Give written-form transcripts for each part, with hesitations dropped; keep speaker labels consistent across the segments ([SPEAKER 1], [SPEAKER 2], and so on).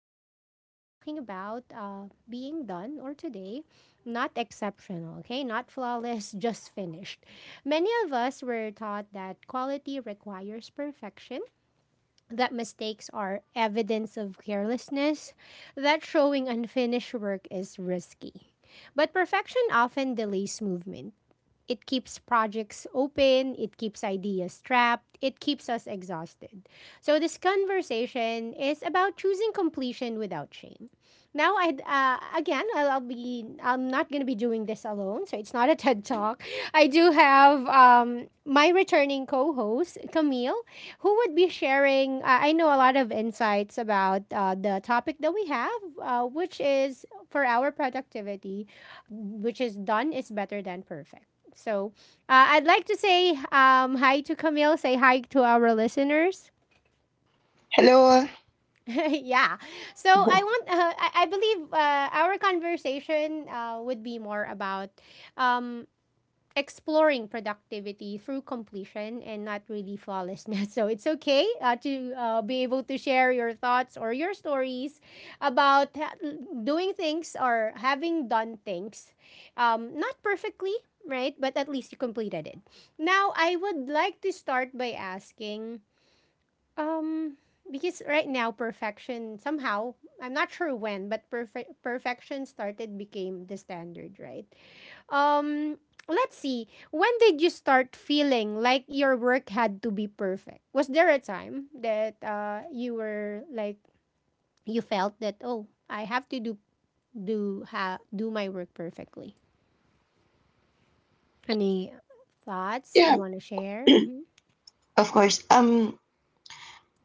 [SPEAKER 1] Tonight, we are talking about being done or today, not exceptional, okay? Not flawless, just finished. Many of us were taught that quality requires perfection, that mistakes are evidence of carelessness, that showing unfinished work is risky. But perfection often delays movement. It keeps projects open, it keeps ideas trapped, it keeps us exhausted. So, this conversation is about choosing completion without shame. Now, I again, I'll be, I'm not gonna be doing this alone, so it's not a TED talk. I do have my returning co-host Camille, who would be sharing. I know a lot of insights about the topic that we have, which is for our productivity, which is done is better than perfect. So I'd like to say hi to Camille. Say hi to our listeners.
[SPEAKER 2] Hello.
[SPEAKER 1] Yeah. I believe our conversation would be more about um, exploring productivity through completion and not really flawlessness. So it's okay to be able to share your thoughts or your stories about doing things or having done things, not perfectly, right? But at least you completed it. Now, I would like to start by asking, um, because right now perfection somehow I'm not sure when, but perfection started became the standard, right? Um, let's see. When did you start feeling like your work had to be perfect? Was there a time that you were like you felt that oh I have to do my work perfectly? Any thoughts
[SPEAKER 2] Yeah,
[SPEAKER 1] you want to share? Mm-hmm.
[SPEAKER 2] of course. Um,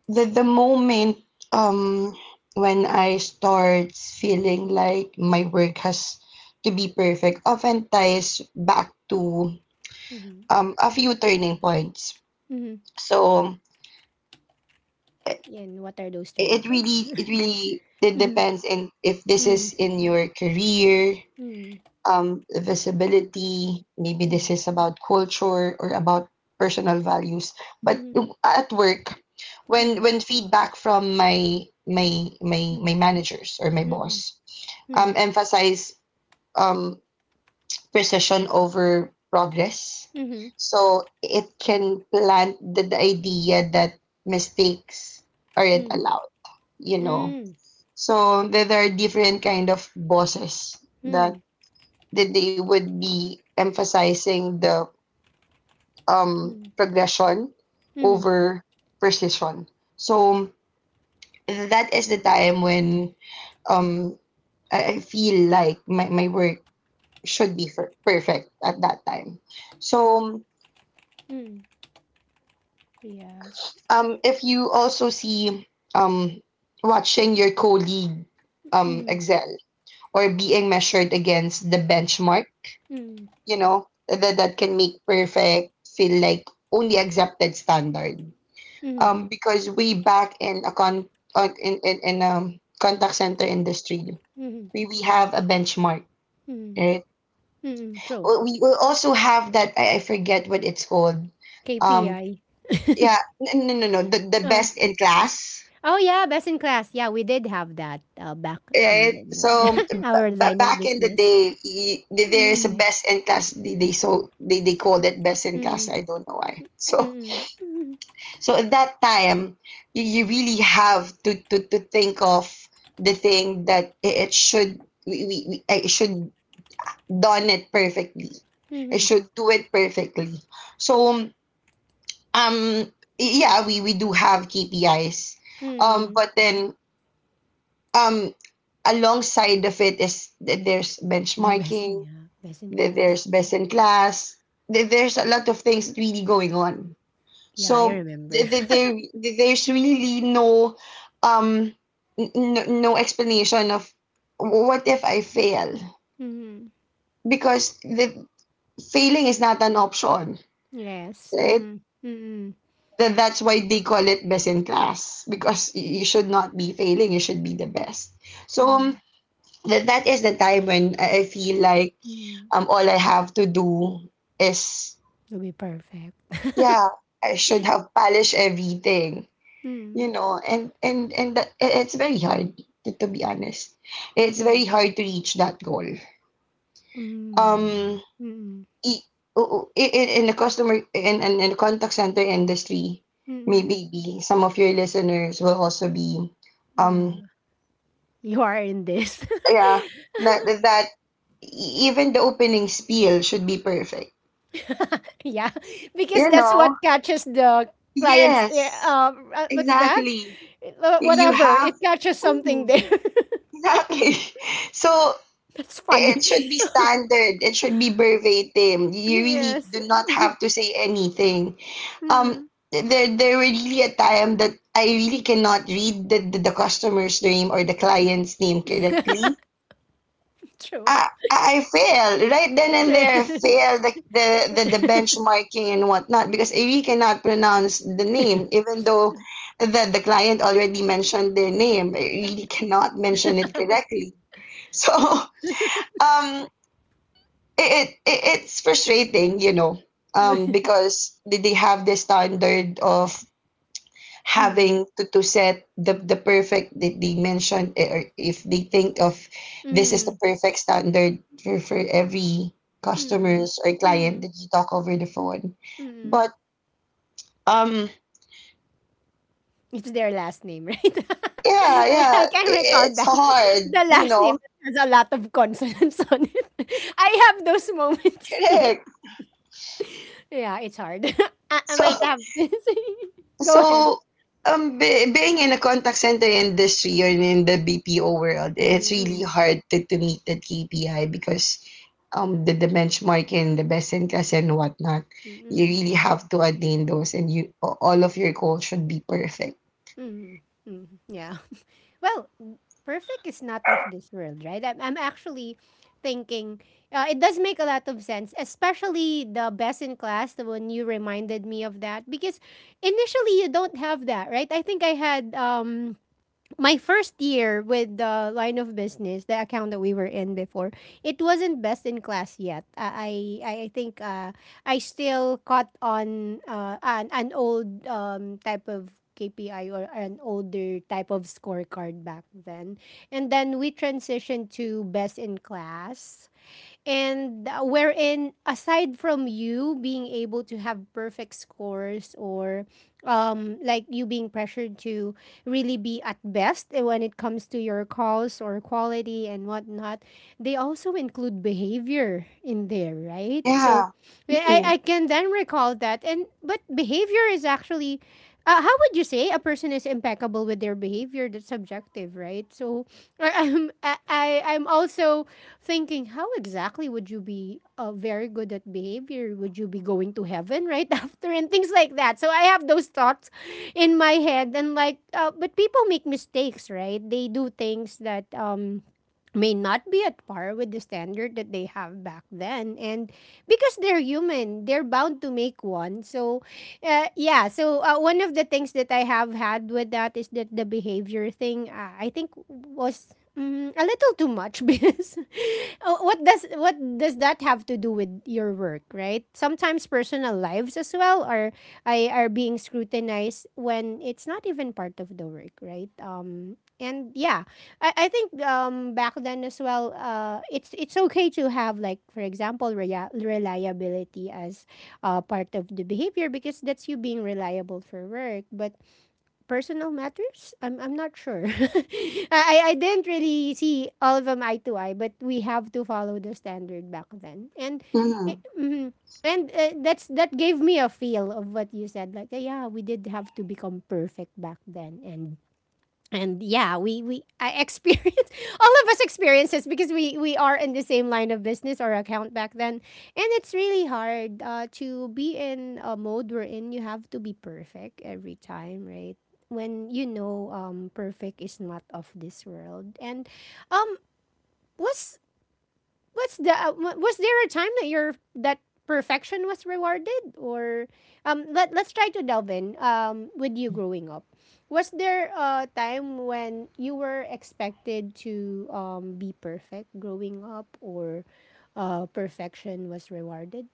[SPEAKER 2] the the moment um when I start feeling like my work has to be perfect often ties back to
[SPEAKER 1] Mm-hmm.
[SPEAKER 2] a few turning points.
[SPEAKER 1] Mm-hmm.
[SPEAKER 2] So it,
[SPEAKER 1] And what are those turning
[SPEAKER 2] it
[SPEAKER 1] points?
[SPEAKER 2] really it
[SPEAKER 1] Mm-hmm.
[SPEAKER 2] depends in if this
[SPEAKER 1] Mm-hmm.
[SPEAKER 2] is in your career,
[SPEAKER 1] Mm-hmm.
[SPEAKER 2] visibility. Maybe this is about culture or about personal values. But
[SPEAKER 1] Mm-hmm.
[SPEAKER 2] at work, when
[SPEAKER 1] Mm-hmm.
[SPEAKER 2] when feedback from my
[SPEAKER 1] Mm-hmm.
[SPEAKER 2] managers or my
[SPEAKER 1] Mm-hmm.
[SPEAKER 2] boss
[SPEAKER 1] Mm-hmm.
[SPEAKER 2] emphasize um, precision over progress. So it can plant the idea that mistakes aren't
[SPEAKER 1] Mm-hmm.
[SPEAKER 2] allowed, you know.
[SPEAKER 1] Mm-hmm.
[SPEAKER 2] So there are different kind of bosses that they would be emphasizing the progression
[SPEAKER 1] Mm-hmm.
[SPEAKER 2] over precision. So that is the time when um, I feel like my work should be perfect at that time. So
[SPEAKER 1] Mm-hmm. Yes.
[SPEAKER 2] um if you also see um, watching your colleague excel or being measured against the benchmark,
[SPEAKER 1] Mm,
[SPEAKER 2] you know, that can make perfect feel like only accepted standard.
[SPEAKER 1] mhm,
[SPEAKER 2] Because we back in a con in contact center industry,
[SPEAKER 1] mhm,
[SPEAKER 2] we have a benchmark,
[SPEAKER 1] mhm,
[SPEAKER 2] right?
[SPEAKER 1] mhm, true.
[SPEAKER 2] We will also have that I forget what it's called. Um
[SPEAKER 1] KPI.
[SPEAKER 2] yeah n- no no no the, The
[SPEAKER 1] Uh,
[SPEAKER 2] best in class,
[SPEAKER 1] oh yeah, best in class. Yeah, we did have that back in
[SPEAKER 2] right?
[SPEAKER 1] the, the- our line of
[SPEAKER 2] Back in the
[SPEAKER 1] business.
[SPEAKER 2] day, there's a
[SPEAKER 1] Mm,
[SPEAKER 2] best in class. They called it best in class.
[SPEAKER 1] mm,
[SPEAKER 2] I don't know why. so
[SPEAKER 1] mm, mm,
[SPEAKER 2] So at that time, you really have to, to think of the thing that it should, we I should done it perfectly. I
[SPEAKER 1] mm,
[SPEAKER 2] should do it perfectly. So um, yeah, we do have KPIs. Um,
[SPEAKER 1] mm.
[SPEAKER 2] but then um alongside of it is that there's
[SPEAKER 1] The best,
[SPEAKER 2] benchmarking,
[SPEAKER 1] yeah, best in
[SPEAKER 2] that
[SPEAKER 1] class.
[SPEAKER 2] there's
[SPEAKER 1] Yeah,
[SPEAKER 2] best in class, that there's a lot of things really going on.
[SPEAKER 1] yeah, I
[SPEAKER 2] So
[SPEAKER 1] remember.
[SPEAKER 2] there's really no um no explanation of what if I fail,
[SPEAKER 1] Mm,
[SPEAKER 2] because the failing is not an option,
[SPEAKER 1] yes.
[SPEAKER 2] right?
[SPEAKER 1] Mm, mm,
[SPEAKER 2] That's why they call it best in class, because you should not be failing, you should be the best. So
[SPEAKER 1] mm,
[SPEAKER 2] that that is the time when I feel like
[SPEAKER 1] mm.
[SPEAKER 2] all I have to do is,
[SPEAKER 1] It'll be perfect.
[SPEAKER 2] yeah, I should have polished everything, you
[SPEAKER 1] Mm,
[SPEAKER 2] know. It's very hard, to be honest.
[SPEAKER 1] mm,
[SPEAKER 2] It's very
[SPEAKER 1] mm,
[SPEAKER 2] hard to reach that goal.
[SPEAKER 1] mm,
[SPEAKER 2] um
[SPEAKER 1] mm,
[SPEAKER 2] i- in the customer, in the contact center industry,
[SPEAKER 1] mm.
[SPEAKER 2] some of your listeners will also be um
[SPEAKER 1] Yeah. You are in this.
[SPEAKER 2] yeah, that that even the opening spiel should be perfect,
[SPEAKER 1] Yeah, because
[SPEAKER 2] you
[SPEAKER 1] that's
[SPEAKER 2] know.
[SPEAKER 1] what catches the clients.
[SPEAKER 2] Yes,
[SPEAKER 1] Yeah, what's that?
[SPEAKER 2] exactly. You
[SPEAKER 1] Whatever.
[SPEAKER 2] have—
[SPEAKER 1] It catches something
[SPEAKER 2] ooh,
[SPEAKER 1] there.
[SPEAKER 2] exactly. So,
[SPEAKER 1] That's
[SPEAKER 2] eh,
[SPEAKER 1] funny.
[SPEAKER 2] it should be standard. It should be verbatim. You really
[SPEAKER 1] Yes.
[SPEAKER 2] do not have to say anything. Um,
[SPEAKER 1] Mm,
[SPEAKER 2] there were really a time that I really cannot read the customer's name or the client's name correctly.
[SPEAKER 1] true.
[SPEAKER 2] I fail right then and there. I fail the, the benchmarking and whatnot, because I really cannot pronounce the name, even though the client already mentioned their name. I really cannot mention it correctly. So um it it's frustrating, you know, because they have this standard of
[SPEAKER 1] Mm,
[SPEAKER 2] having to set the perfect that they mentioned, eh, or if they think of
[SPEAKER 1] mm,
[SPEAKER 2] this is the
[SPEAKER 1] mm,
[SPEAKER 2] perfect standard for every
[SPEAKER 1] mm,
[SPEAKER 2] customers or client
[SPEAKER 1] mm.
[SPEAKER 2] that you talk over the phone.
[SPEAKER 1] Mm.
[SPEAKER 2] But um
[SPEAKER 1] It's their last name, right?
[SPEAKER 2] yeah, yeah,
[SPEAKER 1] I can recall
[SPEAKER 2] it's
[SPEAKER 1] that.
[SPEAKER 2] hard,
[SPEAKER 1] The
[SPEAKER 2] you
[SPEAKER 1] last name
[SPEAKER 2] know.
[SPEAKER 1] has a lot of consonants on it. I have those moments too.
[SPEAKER 2] Correct.
[SPEAKER 1] Yeah, it's hard. I might
[SPEAKER 2] So
[SPEAKER 1] have this. Go ahead.
[SPEAKER 2] So, Being in a contact center industry or in the BPO world, it's really
[SPEAKER 1] Mm-mm.
[SPEAKER 2] hard to meet that KPI because the benchmark and the best in class and whatnot, you really
[SPEAKER 1] Mm-mm.
[SPEAKER 2] have to attain those, and you all of your goals should be perfect.
[SPEAKER 1] Mm-mm. Mm. Yeah. Well, perfect is not of this world, right? I'm actually thinking it does make a lot of sense, especially the best in class, the one you reminded me of that, because initially you don't have that, right? I think I had my first year with the line of business, the account that we were in before, it wasn't best in class yet. I think I still caught on uh, an old type of KPI or an older type of scorecard back then, and then we transitioned to best in class and wherein aside from you being able to have perfect scores or like you being pressured to really be at best when it comes to your calls or quality and whatnot, they also include behavior in there, right? So
[SPEAKER 2] Yeah.
[SPEAKER 1] yeah,
[SPEAKER 2] Mm-hmm.
[SPEAKER 1] I can then recall that. And but behavior is actually how would you say a person is impeccable with their behavior? That's subjective, right? So I- I'm also thinking how exactly would you be very good at behavior? Would you be going to heaven right after and things like that? So I have those thoughts in my head and like, but people make mistakes, right? They do things that may not be at par with the standard that they have back then, and because they're human they're bound to make one. So yeah, so one of the things that I have had with that is that the behavior thing I think was a little too much because what does that have to do with your work, right? Sometimes personal lives as well are, are being scrutinized when it's not even part of the work, right? And yeah, I think back then as well, it's okay to have, like for example, reliability as part of the behavior because that's you being reliable for work. But personal matters, I'm not sure. I didn't really see all of them eye to eye, but we have to follow the standard back then. And
[SPEAKER 2] Mm-hmm.
[SPEAKER 1] mhm. And that's that gave me a feel of what you said, like yeah we did have to become perfect back then. And yeah, we I experienced, all of us experience this because we are in the same line of business or account back then, and it's really hard to be in a mode wherein you have to be perfect every time, right? When you know perfect is not of this world, and um, was what's the was there a time that your that perfection was rewarded? Or let, let's try to delve in, with you growing up, was there a time when you were expected to be perfect growing up, or perfection was rewarded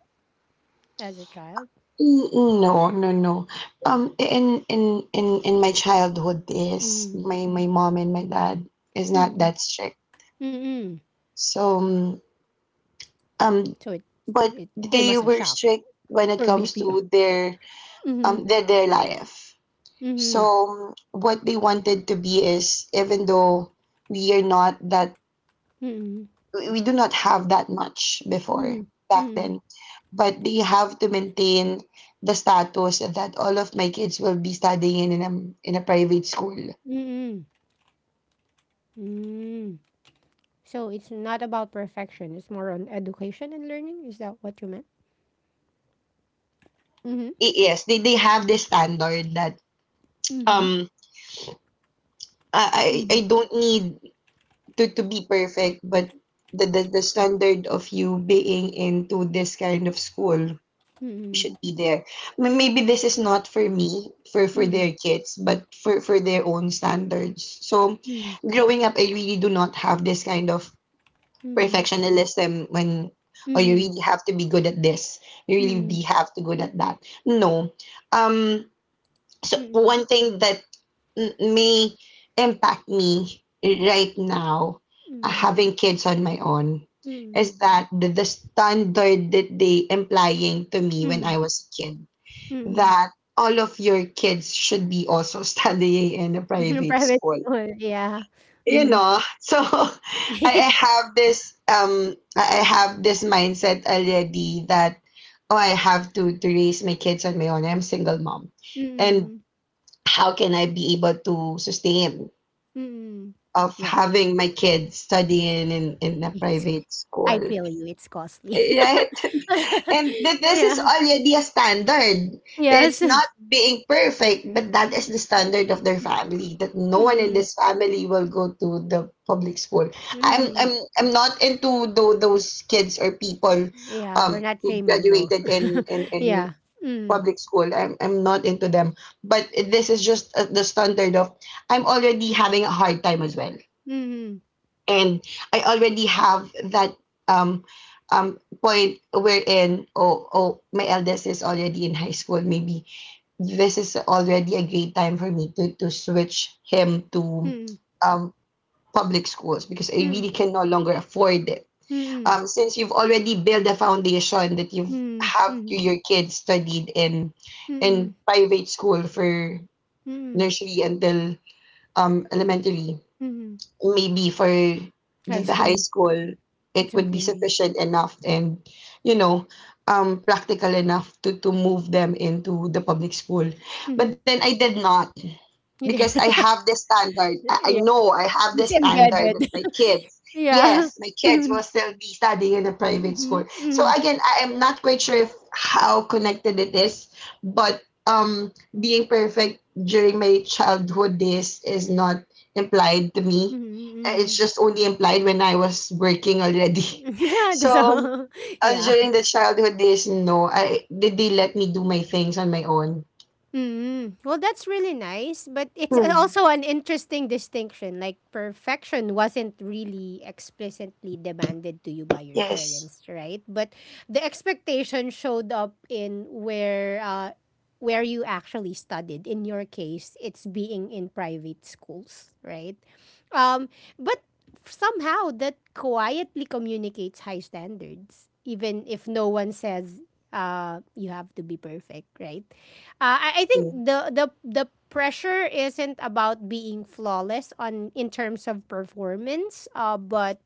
[SPEAKER 1] as a child?
[SPEAKER 2] No, no, no. In my childhood, is
[SPEAKER 1] Mm,
[SPEAKER 2] my my mom and my dad is not
[SPEAKER 1] mm,
[SPEAKER 2] that strict.
[SPEAKER 1] mm,
[SPEAKER 2] So.
[SPEAKER 1] so it
[SPEAKER 2] Um,
[SPEAKER 1] it
[SPEAKER 2] but
[SPEAKER 1] came as
[SPEAKER 2] do
[SPEAKER 1] a
[SPEAKER 2] you
[SPEAKER 1] shock
[SPEAKER 2] were strict
[SPEAKER 1] for
[SPEAKER 2] when it comes
[SPEAKER 1] BPO.
[SPEAKER 2] to their
[SPEAKER 1] Mm-hmm.
[SPEAKER 2] their life.
[SPEAKER 1] Mm-hmm.
[SPEAKER 2] So what they wanted to be is, even though we are not that,
[SPEAKER 1] Mm-hmm.
[SPEAKER 2] we do not have that much before, back
[SPEAKER 1] Mm-hmm.
[SPEAKER 2] then, but they have to maintain the status that all of my kids will be studying in a, in a private school.
[SPEAKER 1] Mm-hmm. Mm-hmm. So it's not about perfection. It's more on education and learning. Is that what you meant? Mhm.
[SPEAKER 2] Yes, they have this standard that
[SPEAKER 1] Mhm.
[SPEAKER 2] um I
[SPEAKER 1] Mhm.
[SPEAKER 2] don't need to be perfect, but the standard of you being into this kind of school
[SPEAKER 1] Mhm.
[SPEAKER 2] should be there. Maybe this is not for me, for their kids, but for their own standards. So
[SPEAKER 1] Mhm.
[SPEAKER 2] growing up, I really do not have this kind of
[SPEAKER 1] Mhm.
[SPEAKER 2] perfectionism when, oh, you
[SPEAKER 1] Mhm.
[SPEAKER 2] really have to be good at this. You really
[SPEAKER 1] Mhm.
[SPEAKER 2] be have to good at that. No. Um, so
[SPEAKER 1] Mhm.
[SPEAKER 2] one thing that may impact me right now,
[SPEAKER 1] Mhm.
[SPEAKER 2] having kids on my own,
[SPEAKER 1] Mhm.
[SPEAKER 2] is that the standard that they implying to me when I
[SPEAKER 1] Mhm.
[SPEAKER 2] was a kid,
[SPEAKER 1] Mhm. Mhm.
[SPEAKER 2] that all of your kids should be also studying in a private
[SPEAKER 1] Private
[SPEAKER 2] school,
[SPEAKER 1] school. Yeah.
[SPEAKER 2] you
[SPEAKER 1] Mhm.
[SPEAKER 2] know. So I have this I have this mindset already that, oh, I have to raise my kids on my own. I'm a single mom, and
[SPEAKER 1] Mhm.
[SPEAKER 2] how can I be able to sustain
[SPEAKER 1] Mhm.
[SPEAKER 2] of
[SPEAKER 1] Yeah.
[SPEAKER 2] having my kids
[SPEAKER 1] It's
[SPEAKER 2] studying in a
[SPEAKER 1] it's.
[SPEAKER 2] private
[SPEAKER 1] I
[SPEAKER 2] school,
[SPEAKER 1] feel you. It's costly.
[SPEAKER 2] right? And this is
[SPEAKER 1] Yeah.
[SPEAKER 2] already the standard. It's
[SPEAKER 1] Yes.
[SPEAKER 2] being perfect, but that is the standard of their family, that no one in this family will go to the public school.
[SPEAKER 1] Mm-hmm.
[SPEAKER 2] I'm not into those kids or people
[SPEAKER 1] Yeah, we're not
[SPEAKER 2] who
[SPEAKER 1] shaming, no.
[SPEAKER 2] graduated in
[SPEAKER 1] Yeah. Mm.
[SPEAKER 2] public school. I'm not into them. But this is just, the standard of, I'm already having a hard time as well,
[SPEAKER 1] Mm.
[SPEAKER 2] and I already have that um point wherein, oh, oh, my eldest is already in high school. Maybe this is already a great time for me to switch him to
[SPEAKER 1] Mm.
[SPEAKER 2] um public schools, because I really
[SPEAKER 1] Mm.
[SPEAKER 2] can no longer afford it.
[SPEAKER 1] Mm.
[SPEAKER 2] Um, since you've already built a foundation that you
[SPEAKER 1] Mm.
[SPEAKER 2] have to
[SPEAKER 1] Mm.
[SPEAKER 2] your kids studied in
[SPEAKER 1] Mm.
[SPEAKER 2] private school for
[SPEAKER 1] Mm.
[SPEAKER 2] nursery until elementary,
[SPEAKER 1] Mm.
[SPEAKER 2] maybe for
[SPEAKER 1] High
[SPEAKER 2] the high
[SPEAKER 1] school.
[SPEAKER 2] school,
[SPEAKER 1] It's
[SPEAKER 2] it would be
[SPEAKER 1] okay.
[SPEAKER 2] sufficient enough and, you know, practical enough to move them into the public school. But
[SPEAKER 1] Mm.
[SPEAKER 2] then I did not,
[SPEAKER 1] You
[SPEAKER 2] because
[SPEAKER 1] did.
[SPEAKER 2] I have this standard. I
[SPEAKER 1] Yeah.
[SPEAKER 2] know I have
[SPEAKER 1] It's
[SPEAKER 2] this standard,
[SPEAKER 1] embedded.
[SPEAKER 2] kids. Yes,
[SPEAKER 1] Yeah.
[SPEAKER 2] the kids will still be studying in a
[SPEAKER 1] Mm.
[SPEAKER 2] private school.
[SPEAKER 1] Mm.
[SPEAKER 2] So
[SPEAKER 1] Mm.
[SPEAKER 2] again, I am not quite sure if how connected it is, but um, being perfect during my childhood days is not implied to me. It's
[SPEAKER 1] Mm.
[SPEAKER 2] just only implied when I was working already.
[SPEAKER 1] Mm. That's
[SPEAKER 2] So,
[SPEAKER 1] all. Yeah.
[SPEAKER 2] during childhood days, no, I did, they let me do my things on my own.
[SPEAKER 1] Mm. Well, that's really nice, but it's
[SPEAKER 2] Hmm.
[SPEAKER 1] also an interesting distinction. Like perfection wasn't really explicitly demanded to you by your
[SPEAKER 2] Yes.
[SPEAKER 1] parents, right? But the expectation showed up in where you actually studied. In your case, it's being in private schools, right? Um but somehow that quietly communicates high standards even if no one says you have to be perfect, right? I think
[SPEAKER 2] Hmm.
[SPEAKER 1] the pressure isn't about being flawless on in terms of performance, but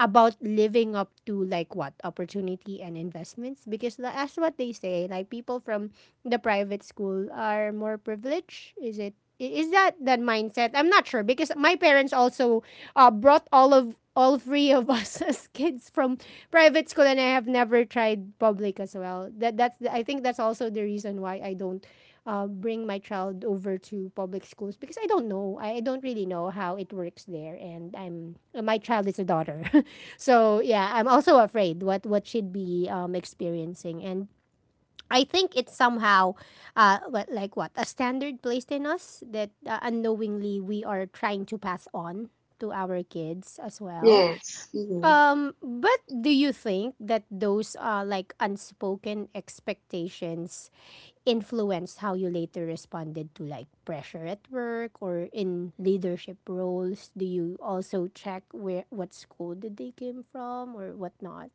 [SPEAKER 1] about living up to like what opportunity and investments. Because that's what they say. Like people from the private school are more privileged. Is it? Is that that mindset? I'm not sure because my parents also brought all three of us as kids from private school, and I have never tried public as well. That's the, I think that's also the reason why I don't bring my child over to public schools, because I don't know. I don't really know how it works there, and I'm my child is a daughter, so yeah, I'm also afraid what she'd be experiencing and. I think it's somehow, like what a standard placed in us that unknowingly we are trying to pass on to our kids as well.
[SPEAKER 2] Yes. Hmm.
[SPEAKER 1] But do you think that those like unspoken expectations influenced how you later responded to like pressure at work or in leadership roles? Do you also check where what school did they came from or whatnot?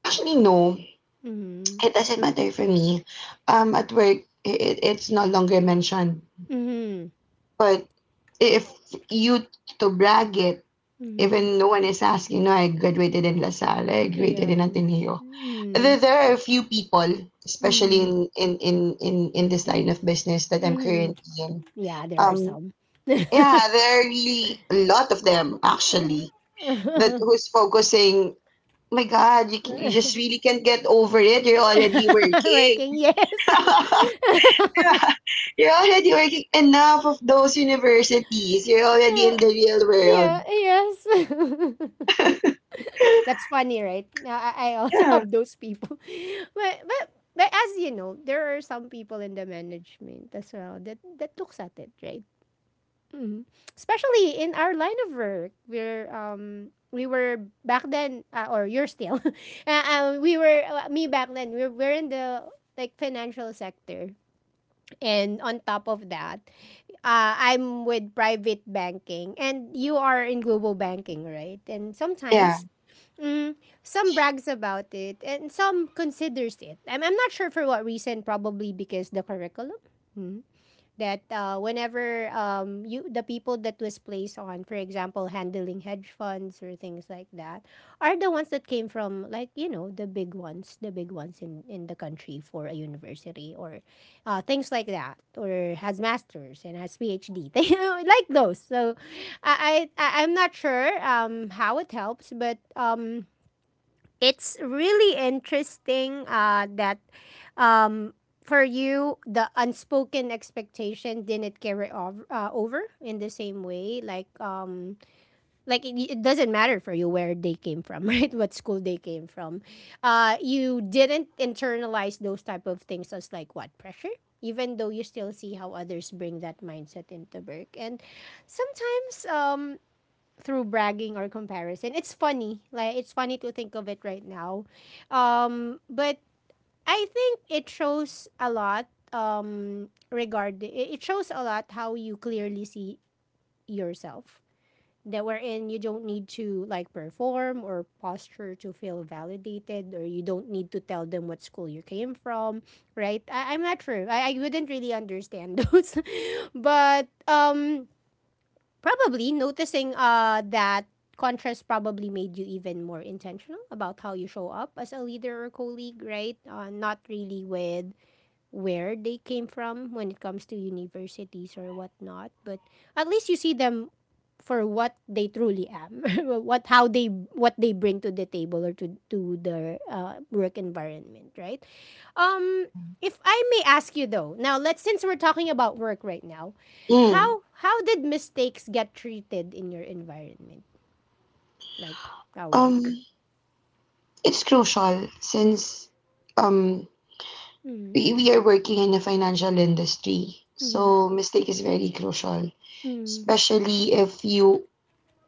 [SPEAKER 2] Actually, no,
[SPEAKER 1] Mm-hmm.
[SPEAKER 2] it doesn't matter for me. At work, it's no longer mentioned.
[SPEAKER 1] Mm-hmm.
[SPEAKER 2] But if you to brag it,
[SPEAKER 1] Mm-hmm.
[SPEAKER 2] even no one is asking, no, I graduated in La Salle, I graduated in
[SPEAKER 1] Ayan.
[SPEAKER 2] Ateneo.
[SPEAKER 1] Mm-hmm.
[SPEAKER 2] There are a few people, especially
[SPEAKER 1] Mm-hmm.
[SPEAKER 2] in this line of business that I'm
[SPEAKER 1] Mm-hmm.
[SPEAKER 2] currently in.
[SPEAKER 1] Yeah, there are
[SPEAKER 2] Um,
[SPEAKER 1] some.
[SPEAKER 2] yeah, there are really a lot of them actually, that who's focusing. My God, can you just really can't get over it. You're already working.
[SPEAKER 1] Working, yes.
[SPEAKER 2] You're already working. Enough of those universities. You're already
[SPEAKER 1] Uh,
[SPEAKER 2] in the real world.
[SPEAKER 1] yeah, yes. That's funny, right? Now, I also
[SPEAKER 2] Yeah.
[SPEAKER 1] have those people. But, but but as you know, there are some people in the management as well that that looks at it, right? Mhm. Especially in our line of work, we were back then or you're still, we were me back then. We're in the like financial sector, and on top of that, I'm with private banking and you are in global banking, right? And
[SPEAKER 2] Yeah.
[SPEAKER 1] sometimes mm, some brags about it and some considers it. I'm not sure for what reason, probably because the curriculum. Hmm that whenever, you the people that was placed on, for example, handling hedge funds or things like that, are the ones that came from, like, the big ones, in the country for a university or things like that, or has masters and has PhD, like those. So I'm not sure how it helps, but it's really interesting that, um, for you, the unspoken expectation didn't carry over, in the same way, like it doesn't matter for you where they came from, right, what school they came from. You didn't internalize those type of things as, like, what pressure, even though you still see how others bring that mindset into work, and sometimes, through bragging or comparison. It's funny. Like, it's funny to think of it right now. But I think it shows a lot, regard it it shows a lot how you clearly see yourself, that wherein you don't need to, like, perform or posture to feel validated, or you don't need to tell them what school you came from, right. I'm not sure, I wouldn't really understand those, but probably noticing that contrast probably made you even more intentional about how you show up as a leader or colleague, right? Not really with where they came from when it comes to universities or whatnot, but at least you see them for what they truly am, what how they what they bring to the table, or to the work environment, right? Um, if I may ask you though, now, let's since we're talking about work right now,
[SPEAKER 2] Mm.
[SPEAKER 1] how did mistakes get treated in your environment, like, our work?
[SPEAKER 2] Um, it's crucial since um
[SPEAKER 1] Mm-hmm.
[SPEAKER 2] we are working in the financial industry.
[SPEAKER 1] Mm-hmm.
[SPEAKER 2] So mistake is very crucial,
[SPEAKER 1] Mm-hmm.
[SPEAKER 2] especially if you,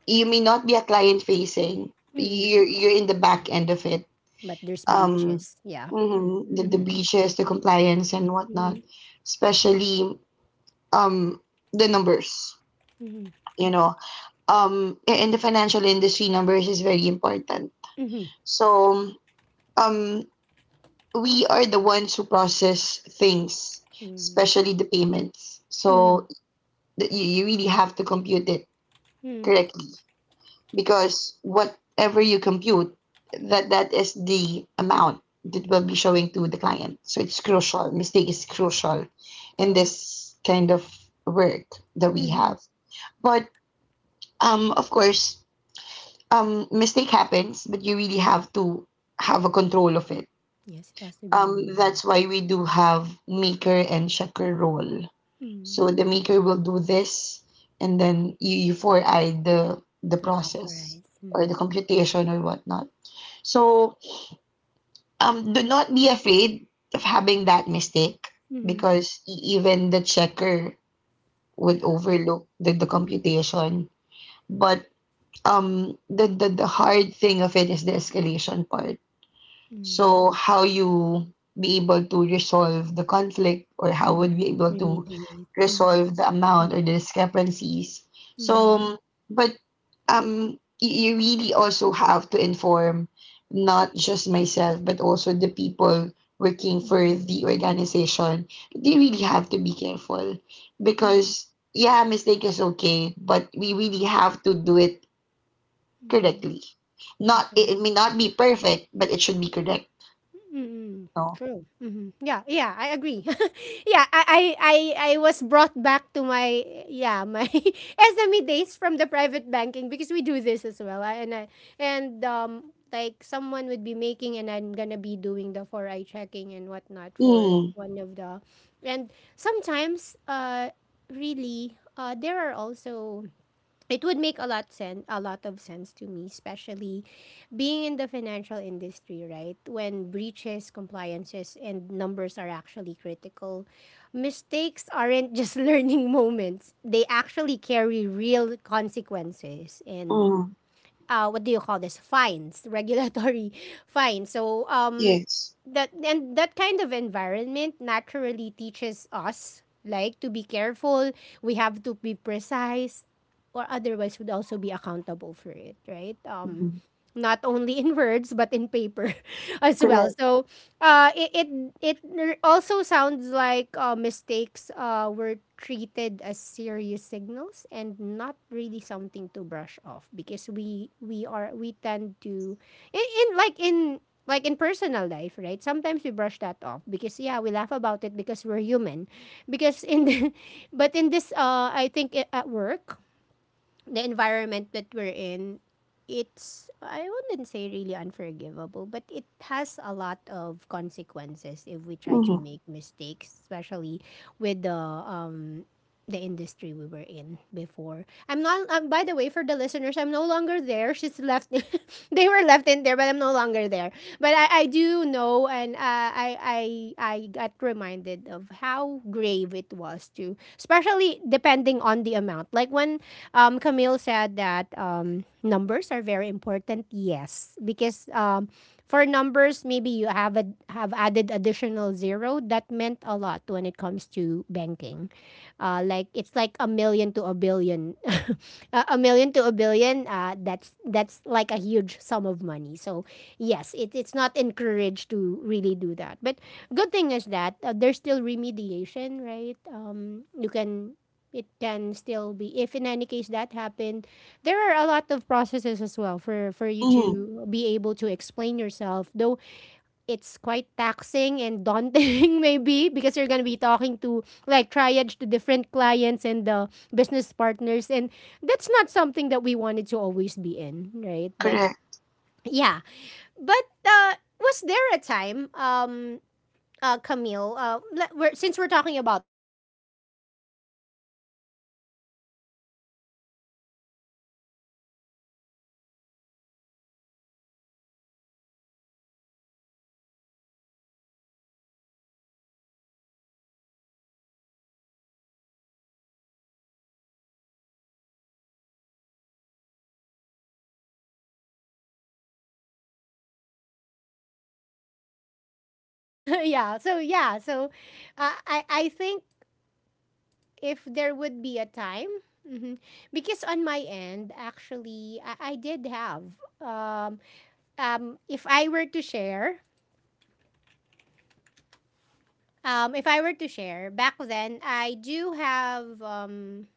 [SPEAKER 2] you may not be a client facing.
[SPEAKER 1] Mm-hmm.
[SPEAKER 2] You're in the back end of it.
[SPEAKER 1] But there's
[SPEAKER 2] Um,
[SPEAKER 1] breaches. Yeah.
[SPEAKER 2] mhm, the
[SPEAKER 1] Mm-hmm.
[SPEAKER 2] breaches, the compliance and whatnot,
[SPEAKER 1] Mm-hmm.
[SPEAKER 2] especially um the numbers.
[SPEAKER 1] Mm-hmm.
[SPEAKER 2] You know, in the financial industry numbers is very important.
[SPEAKER 1] Mm-hmm.
[SPEAKER 2] So um we are the ones who process things,
[SPEAKER 1] Mm-hmm.
[SPEAKER 2] especially the payments. So, you really have to compute it
[SPEAKER 1] Mm-hmm.
[SPEAKER 2] correctly, because whatever you compute, that that is the amount that will be showing to the client. So it's crucial, mistake is crucial in
[SPEAKER 1] True.
[SPEAKER 2] this kind of work that we
[SPEAKER 1] Mm-hmm.
[SPEAKER 2] have. But of course, mistake happens, but you really have to have a control of it.
[SPEAKER 1] Yes, it has to be
[SPEAKER 2] That's why
[SPEAKER 1] remediated.
[SPEAKER 2] we do have maker and checker role.
[SPEAKER 1] Mm.
[SPEAKER 2] So the maker will do this, and then you four-eye the
[SPEAKER 1] Yeah,
[SPEAKER 2] process
[SPEAKER 1] authorize.
[SPEAKER 2] or the
[SPEAKER 1] Mm.
[SPEAKER 2] computation or whatnot. So, do not be afraid of having that mistake,
[SPEAKER 1] Mm.
[SPEAKER 2] because even the checker would
[SPEAKER 1] Yeah.
[SPEAKER 2] overlook the computation. But the hard thing of it is the escalation part.
[SPEAKER 1] Mm.
[SPEAKER 2] So how you be able to resolve the conflict, or how
[SPEAKER 1] Hmm.
[SPEAKER 2] would be able to
[SPEAKER 1] Remediate. Mm.
[SPEAKER 2] resolve the amount or the discrepancies. So,
[SPEAKER 1] Mm.
[SPEAKER 2] but you really also have to inform not just myself, but also the people working for
[SPEAKER 1] Hmm.
[SPEAKER 2] the organization. They really have to be careful,
[SPEAKER 1] Mm.
[SPEAKER 2] because, yeah, mistake is okay, but we really have to do it
[SPEAKER 1] Mm.
[SPEAKER 2] correctly. Not it, it may
[SPEAKER 1] Definitely.
[SPEAKER 2] not be perfect, but it should be correct.
[SPEAKER 1] Mm-mm. True. Hmm. Yeah, yeah, I agree. Yeah, I was brought back to my, yeah, my SME days from the private banking, because we do this as well. And like, someone would be making and I'm gonna be doing the four eye checking and whatnot for
[SPEAKER 2] Mm,
[SPEAKER 1] one of the, and sometimes really, there are also it would make a lot of sense to me, especially being in the financial industry, right? When breaches, compliances, and numbers are actually critical, mistakes aren't just learning moments they actually carry real consequences, and
[SPEAKER 2] mm,
[SPEAKER 1] what do you call this? Fines, regulatory fines. So
[SPEAKER 2] yes.
[SPEAKER 1] that, and that kind of environment naturally teaches us, like, to be careful. We have to be precise, or otherwise would also be accountable for it, right?
[SPEAKER 2] Mm,
[SPEAKER 1] Not only in words, but in paper, as well.
[SPEAKER 2] correct.
[SPEAKER 1] So uh, it, it it also sounds like, mistakes, were treated as serious signals and not really something to brush off, because we are we tend to, in, in like in in personal life, right? Sometimes we brush that off because, yeah, we laugh about it because we're human. Because in the, but in this, I think, at work, the environment that we're in, it's I wouldn't say really unforgivable, but it has a lot of consequences if we try to
[SPEAKER 2] Mm,
[SPEAKER 1] make mistakes, especially with the industry we were in before. I'm not By the way, for the listeners, I'm no longer there. She's left, they were left in there, but I'm no longer there. But I do know, and I got reminded of how grave it was to especially depending on the amount. Like, when, Camille said that, numbers are very important. Yes, because for numbers, maybe you have added additional zero. That meant a lot when it comes to banking. Like, it's like a million to a billion, a million to a billion. That's like a huge sum of money. So yes, it's not encouraged to really do that. But, good thing is that, there's still remediation, right? You can It can still be, if, in any case, that happened, there are a lot of processes as well for you
[SPEAKER 2] mm,
[SPEAKER 1] to be able to explain yourself, though. It's quite taxing and daunting, maybe because you're going to be talking to, like, triage to different clients and the business partners, and that's not something that we wanted to always be in, right? But,
[SPEAKER 2] correct.
[SPEAKER 1] yeah, but was there a time, Camille, since we're talking about work and the consequences, have you ever delayed finishing something because it was not ready? We know we're working on deadlines, right? Was there, time that you delayed finishing your work because, you I mean, submitting, because it's not yet ready? Things like that, even within deadline. Was there a time? Hello. Yeah. So, yeah. So, I think, if there would be a time. Mhm. Because on my end, actually, I did have. Um, if I were to share, If I were to share, back then I do have.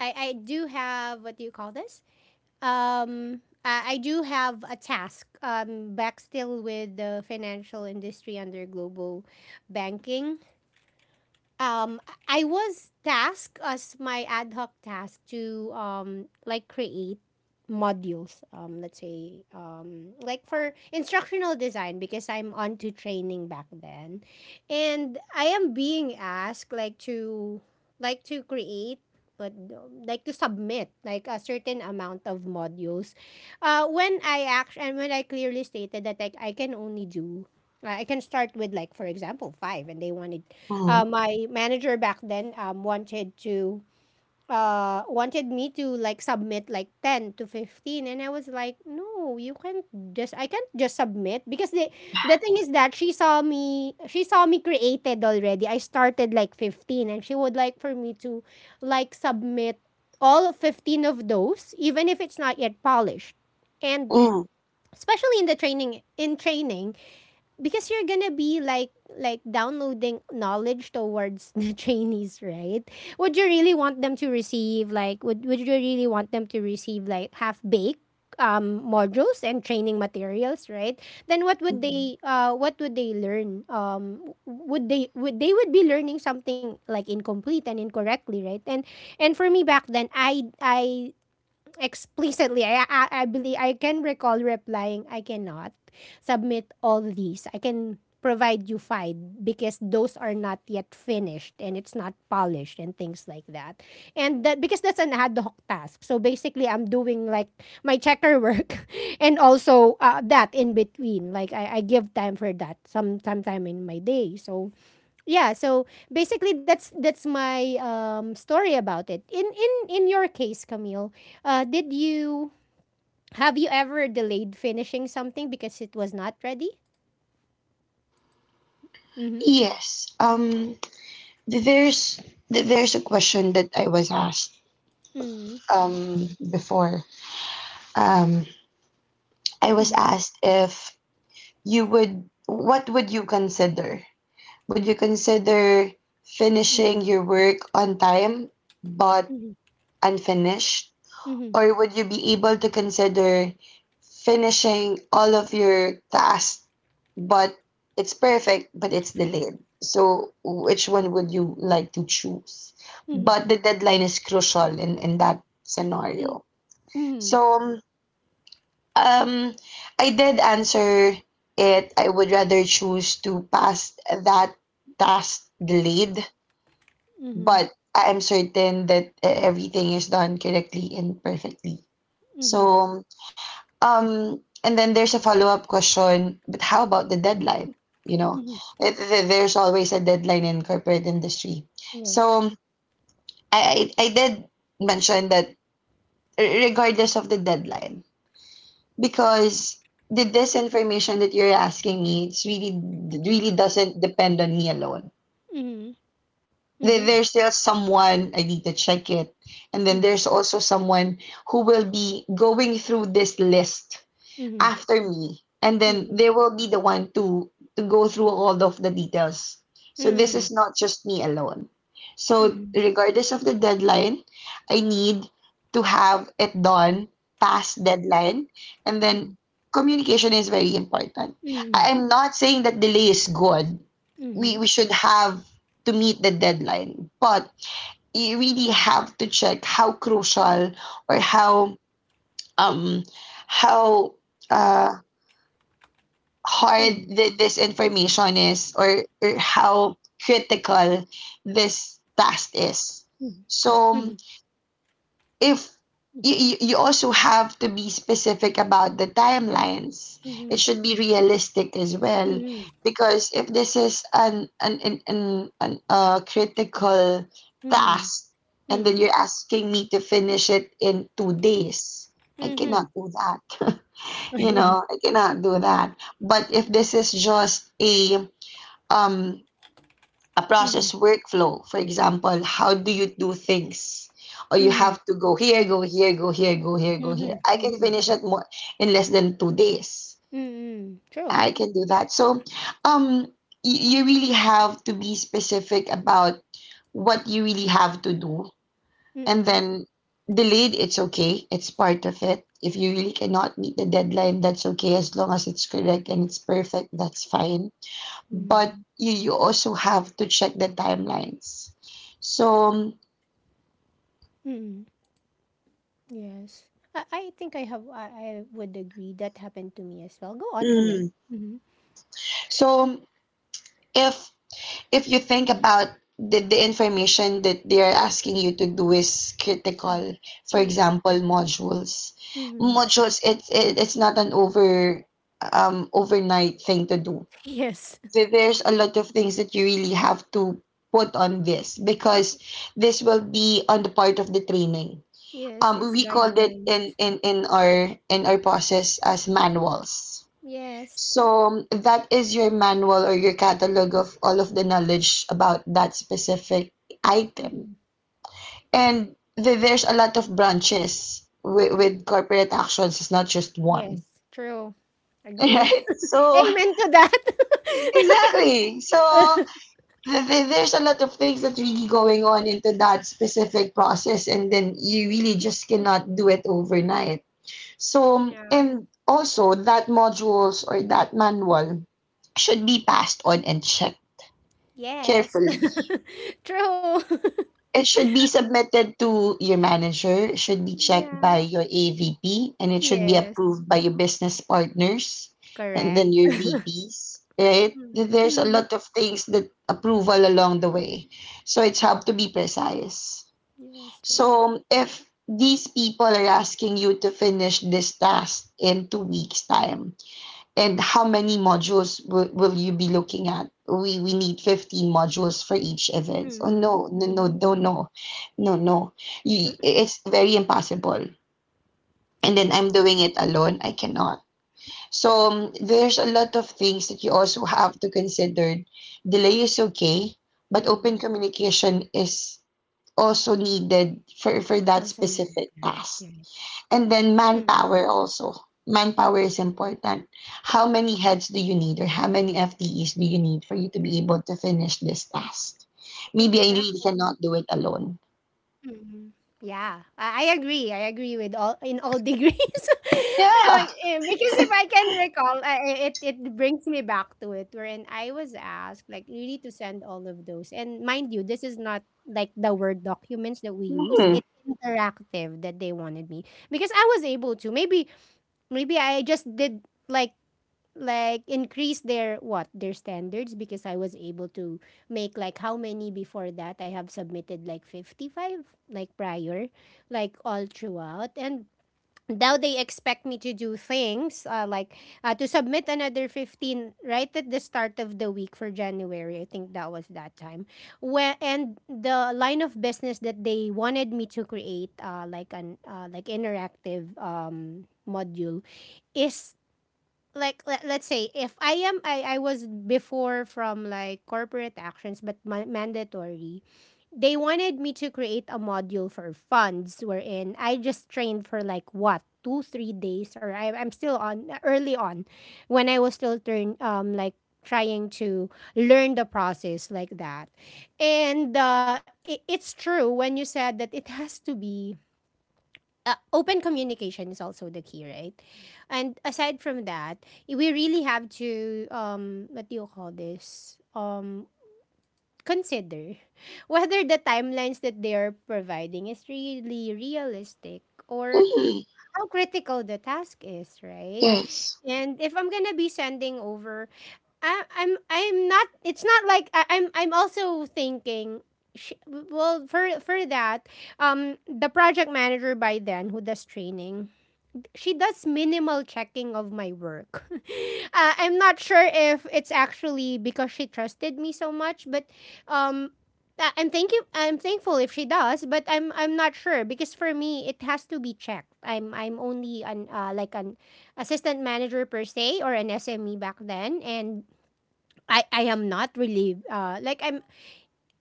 [SPEAKER 1] I do have, what do you call this? I do have a task. Back, still with the financial industry, under global banking. um I was tasked as my ad hoc task to, like, create modules, let's say, like, for instructional design, because I'm on to training back then. And I am being asked, like, to create, but like, to submit, like, a certain amount of modules. When I clearly stated that, like, I can only do I can start with, like, for example, five, and they wanted,
[SPEAKER 2] Mm,
[SPEAKER 1] my manager back then, wanted to wanted me to, like, submit, like, 10 to 15. And I was like, no, you can't just I can't just submit, because the thing is that she saw me, created already. I started like 15, and she would like for me to, like, submit all of 15 of those, even if it's not yet polished. And
[SPEAKER 2] mm,
[SPEAKER 1] especially in training, because you're gonna be, like, downloading knowledge towards the trainees, right? Would you really want them to receive, like, half baked modules and training materials, right? Then what would
[SPEAKER 2] mm.
[SPEAKER 1] they learn? Would they would be learning something, like, incomplete and incorrectly, right? And for me back then, I explicitly. I believe I can recall replying, I cannot submit all these. I can provide you five, because those are not yet finished and it's not polished and things like that. And that, because that's an ad hoc task. So basically I'm doing, like, my checker work, and also, that in between. Like, I give time for that, sometime in my day. So, yeah. So, basically, that's my, story about it. In your case, Camille, did you have you ever delayed finishing something because it was not ready?
[SPEAKER 2] Yes. Th- there's there's a question that I was asked
[SPEAKER 1] Mm.
[SPEAKER 2] before. Um, I was
[SPEAKER 1] Mhm.
[SPEAKER 2] asked if you would what would you consider? Would you consider
[SPEAKER 1] Mhm.
[SPEAKER 2] finishing your work on time but
[SPEAKER 1] Mhm.
[SPEAKER 2] unfinished,
[SPEAKER 1] Mhm.
[SPEAKER 2] or would you be able to consider finishing all of your tasks, but it's perfect, but it's delayed? So, which one would you like to choose?
[SPEAKER 1] Mhm.
[SPEAKER 2] But the deadline is crucial in that scenario.
[SPEAKER 1] Mhm.
[SPEAKER 2] So, um, I did answer it. I would rather choose to pass that task delayed,
[SPEAKER 1] Mhm.
[SPEAKER 2] but I am certain that everything is done correctly and perfectly.
[SPEAKER 1] Mhm.
[SPEAKER 2] So, and then there's a follow-up question, but how about the deadline? You know,
[SPEAKER 1] Mhm.
[SPEAKER 2] There's always a deadline in corporate industry.
[SPEAKER 1] Yes.
[SPEAKER 2] So I did mention that regardless of the deadline, because the disinformation that you're asking me, it's really really doesn't depend on me alone.
[SPEAKER 1] Mhm.
[SPEAKER 2] There-
[SPEAKER 1] Mhm.
[SPEAKER 2] There's still someone I need to check it, and then
[SPEAKER 1] Mhm.
[SPEAKER 2] there's also someone who will be going through this list
[SPEAKER 1] Mhm.
[SPEAKER 2] after me, and then
[SPEAKER 1] Mhm.
[SPEAKER 2] they will be the one to go through all of the details. So this
[SPEAKER 1] Mhm.
[SPEAKER 2] is not just me alone. So
[SPEAKER 1] Mhm.
[SPEAKER 2] regardless of the deadline, I need to have it done past deadline, and then communication is very important.
[SPEAKER 1] Mhm.
[SPEAKER 2] I'm not saying that delay is good.
[SPEAKER 1] Mhm. Mhm.
[SPEAKER 2] We
[SPEAKER 1] Mhm.
[SPEAKER 2] we should have to meet the deadline, but you really have to check how crucial or um how uh hard
[SPEAKER 1] Mhm.
[SPEAKER 2] this information is, or how critical this task is.
[SPEAKER 1] Mhm. Mhm.
[SPEAKER 2] So if you also have to be specific about the timelines. It should be realistic as well,
[SPEAKER 1] Mhm.
[SPEAKER 2] because if this is an critical task, and then
[SPEAKER 1] Mhm.
[SPEAKER 2] you're asking me to finish it in two days, I cannot
[SPEAKER 1] Mhm.
[SPEAKER 2] do that. You
[SPEAKER 1] Mhm.
[SPEAKER 2] know, I cannot do that. But if this is just um a process
[SPEAKER 1] Mhm.
[SPEAKER 2] workflow, for example, how do you do things? Or you
[SPEAKER 1] Mhm.
[SPEAKER 2] have to go here, go here, go here, go here, go here.
[SPEAKER 1] Mhm.
[SPEAKER 2] I can
[SPEAKER 1] Mhm.
[SPEAKER 2] finish it more in less than two days.
[SPEAKER 1] Mm. True.
[SPEAKER 2] I can do that. So, um, you really have to be specific about what you really have to do, and
[SPEAKER 1] Mm.
[SPEAKER 2] then delayed, it's okay, it's part of it. If you really cannot meet the deadline, that's okay, as long as it's correct and it's perfect, that's fine. But
[SPEAKER 1] Mm.
[SPEAKER 2] you also have to check the timelines. So
[SPEAKER 1] Mm. Yes. I think I have I would agree that happened to me as well. Go on, Camille.
[SPEAKER 2] Mm.
[SPEAKER 1] Mhm.
[SPEAKER 2] so if if you think about the information that they're asking you to do is critical, for
[SPEAKER 1] Mm.
[SPEAKER 2] example, modules.
[SPEAKER 1] Mhm.
[SPEAKER 2] Modules, it's not an overnight thing to do.
[SPEAKER 1] Yes.
[SPEAKER 2] There's a lot of things that you really have to put on this, because this will be on the part of the training.
[SPEAKER 1] Yes, it's
[SPEAKER 2] We called it
[SPEAKER 1] guidelines.
[SPEAKER 2] in our process as manuals.
[SPEAKER 1] Yes.
[SPEAKER 2] So that is your manual or your catalog of all of the knowledge about that specific
[SPEAKER 1] Mhm.
[SPEAKER 2] item. And there's a lot of branches
[SPEAKER 1] Yes.
[SPEAKER 2] with corporate actions. It's not just
[SPEAKER 1] Yes.
[SPEAKER 2] one,
[SPEAKER 1] True. Agree.
[SPEAKER 2] right? So
[SPEAKER 1] Amen to that.
[SPEAKER 2] exactly. So there's a lot of things that really going on into that specific process, and then you really just cannot do it overnight. So
[SPEAKER 1] Yeah.
[SPEAKER 2] and also that modules or that manual should be passed on and checked
[SPEAKER 1] Yes.
[SPEAKER 2] carefully.
[SPEAKER 1] True.
[SPEAKER 2] It should be submitted to your manager, it should be checked
[SPEAKER 1] Yeah.
[SPEAKER 2] by your AVP, and it should be
[SPEAKER 1] Yes.
[SPEAKER 2] approved by your business partners and
[SPEAKER 1] Correct.
[SPEAKER 2] then your VPs, right? There's a
[SPEAKER 1] Mm.
[SPEAKER 2] lot of things that approval along the way. So it's have to be precise.
[SPEAKER 1] Yes,
[SPEAKER 2] So
[SPEAKER 1] true.
[SPEAKER 2] if these people are asking you to finish this task in two weeks' time, and how many modules will you be looking at? We need 15 modules for each event. Oh
[SPEAKER 1] Mm-hmm.
[SPEAKER 2] no, no, no,
[SPEAKER 1] Mm-hmm.
[SPEAKER 2] no, no, no, no. It's very impossible. And then
[SPEAKER 1] Yes.
[SPEAKER 2] I'm doing it alone. I cannot. So there's a lot of things that you also have to consider. Delay is okay, but open
[SPEAKER 1] Mm.
[SPEAKER 2] communication is
[SPEAKER 1] Also
[SPEAKER 2] also needed
[SPEAKER 1] important.
[SPEAKER 2] for
[SPEAKER 1] Yes.
[SPEAKER 2] that specific task. And then
[SPEAKER 1] Mm-hmm.
[SPEAKER 2] manpower also. Manpower is important. How many
[SPEAKER 1] Mm.
[SPEAKER 2] heads do you need, or how many FTEs do you need for you to be able to finish this task? Maybe I really
[SPEAKER 1] Exactly.
[SPEAKER 2] cannot do it alone.
[SPEAKER 1] Mm-hmm. Yeah, I agree. I agree with all in all degrees.
[SPEAKER 2] Yeah.
[SPEAKER 1] Like, because if I can recall, it brings me back to it, wherein I was asked, like, really to send all of those. And mind you, this is not like the word documents that we use.
[SPEAKER 2] Mhm.
[SPEAKER 1] It's interactive that they wanted me, because I was able to. Maybe I just did like increase their what their standards because I was able to make like how many before that I have submitted like 55 like prior like all throughout, and now they expect me to do things like to submit another 15 right at the start of the week for January, I think that was that time when. And the line of business that they wanted me to create like an like interactive module is like. Let's say if I was before from like corporate actions, but mandatory, they wanted me to create a module for funds, wherein I just trained for like what, 2 3 days, or I'm still on early on when I was still turn like trying to learn the process like that. And it's true when you said that it has to be open communication is also the key, right? And aside from that, we really have to what do you call this? Consider whether the timelines that they are providing is really realistic, or
[SPEAKER 2] Mhm.
[SPEAKER 1] how critical the task is, right?
[SPEAKER 2] Yes.
[SPEAKER 1] And if I'm gonna be sending over, I'm not. It's not like I'm also thinking. Well, for that, the project manager by then who does training, she does minimal checking of my work. I'm not sure if it's actually because she trusted me so much, but um, I'm thank you. I'm thankful if she does, but I'm not sure because for me it has to be checked. I'm only an like an assistant manager per se, or an SME back then, and I am not really I'm...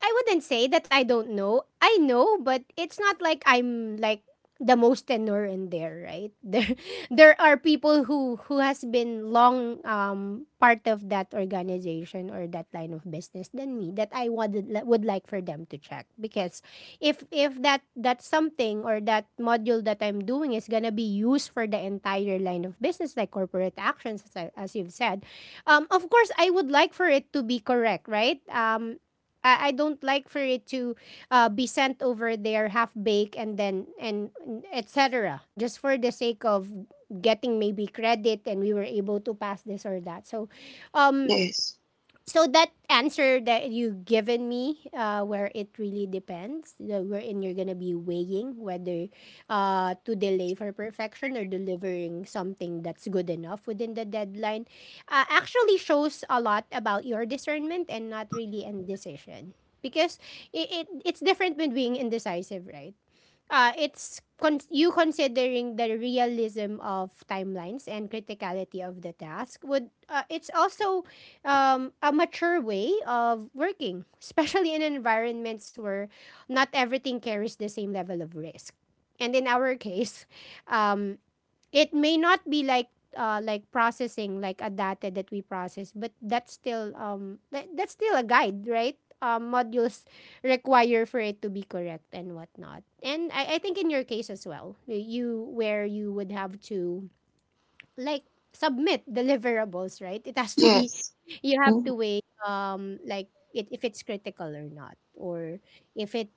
[SPEAKER 1] I wouldn't say that I don't know. I know, but it's not like I'm like the most tenor in there, right? There are people who has been long part of that organization or that line of business than me that I wanted would like for them to check because if that something or that module that I'm doing is going to be used for the entire line of business like corporate actions, as, I, as you've said, of course I would like for it to be correct, right? I don't like for it to be sent over there half baked and then and etc. Just for the sake of getting maybe credit and we were able to pass this or that. So, um,
[SPEAKER 2] Yes.
[SPEAKER 1] so that answer that you given me, where it really depends, wherein you're gonna be weighing whether to delay for perfection or delivering something that's good enough within the deadline, actually shows a lot about your discernment and not really indecision. Because it's different between being indecisive, right? You considering the realism of timelines and criticality of the task would it's also a mature way of working especially in environments where not everything carries the same level of risk, and in our case um, it may not be like processing like a data that we process, but that's still that's still a guide, right? Modules require for it to be correct and whatnot. And I think in your case as well, you where you would have to like submit deliverables, right? It has to be
[SPEAKER 2] Yes.
[SPEAKER 1] you have to
[SPEAKER 2] Mhm.
[SPEAKER 1] weigh like if it's critical or not, or if it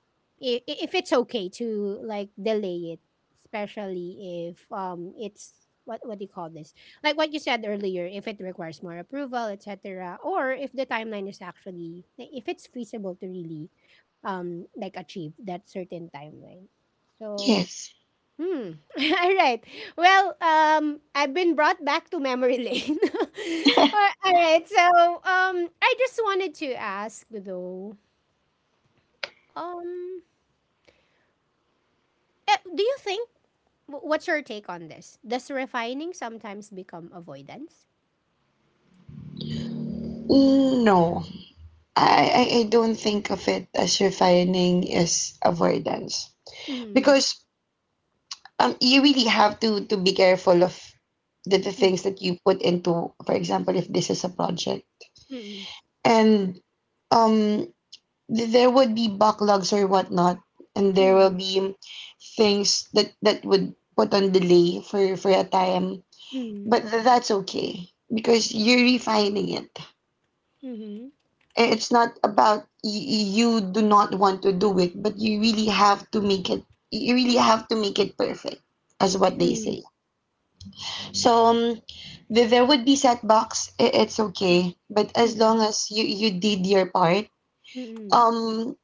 [SPEAKER 1] if it's okay to like delay it, especially if it's what do you call this, like what you said earlier, if it requires more approval, etc, or if the timeline is actually like, if it's feasible to really like achieve that certain timeline. So
[SPEAKER 2] Yes.
[SPEAKER 1] Hmm. All right. Well, I've been brought back to memory lane. All right. So, I just wanted to ask though, um, do you think what's your take on this? Does refining sometimes become avoidance?
[SPEAKER 2] No, I don't think of it as refining as avoidance,
[SPEAKER 1] Mm.
[SPEAKER 2] because you really have to be careful of the
[SPEAKER 1] Mm.
[SPEAKER 2] things that you put into, for example, if this is a project
[SPEAKER 1] Mm.
[SPEAKER 2] and um there would be backlogs or whatnot, and there will be things that would put on delay for a time, but
[SPEAKER 1] Mm.
[SPEAKER 2] that's okay because you're refining it.
[SPEAKER 1] Mm.
[SPEAKER 2] It's not about you do not want to do it, but you really have to make it, you really have to make it perfect, as what they
[SPEAKER 1] Mm.
[SPEAKER 2] say. So there would be setbacks. It's okay, but as
[SPEAKER 1] Mm.
[SPEAKER 2] long as you did your part,
[SPEAKER 1] Mm.
[SPEAKER 2] um,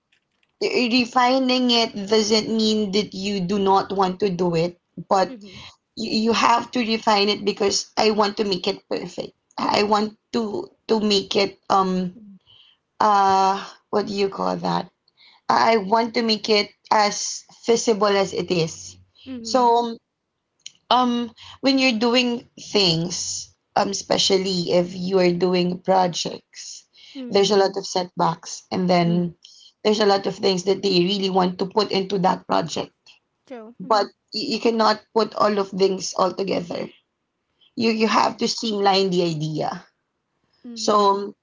[SPEAKER 2] refining it doesn't mean that you do not want to do it, but
[SPEAKER 1] Hmm.
[SPEAKER 2] you have to refine it because I want to make it perfect. I want to make it uh, what do you call that? I want to make it as feasible as it is. So
[SPEAKER 1] Mm.
[SPEAKER 2] um, when you're doing things um, especially if you are doing projects,
[SPEAKER 1] Hmm.
[SPEAKER 2] there's a lot
[SPEAKER 1] Mm.
[SPEAKER 2] of setbacks, and
[SPEAKER 1] Hmm.
[SPEAKER 2] then there's a lot of things that they really want to put into that project,
[SPEAKER 1] True.
[SPEAKER 2] but
[SPEAKER 1] Mhm.
[SPEAKER 2] you cannot put all of things all together, you
[SPEAKER 1] Yeah.
[SPEAKER 2] have to streamline the idea.
[SPEAKER 1] Mm-hmm.
[SPEAKER 2] So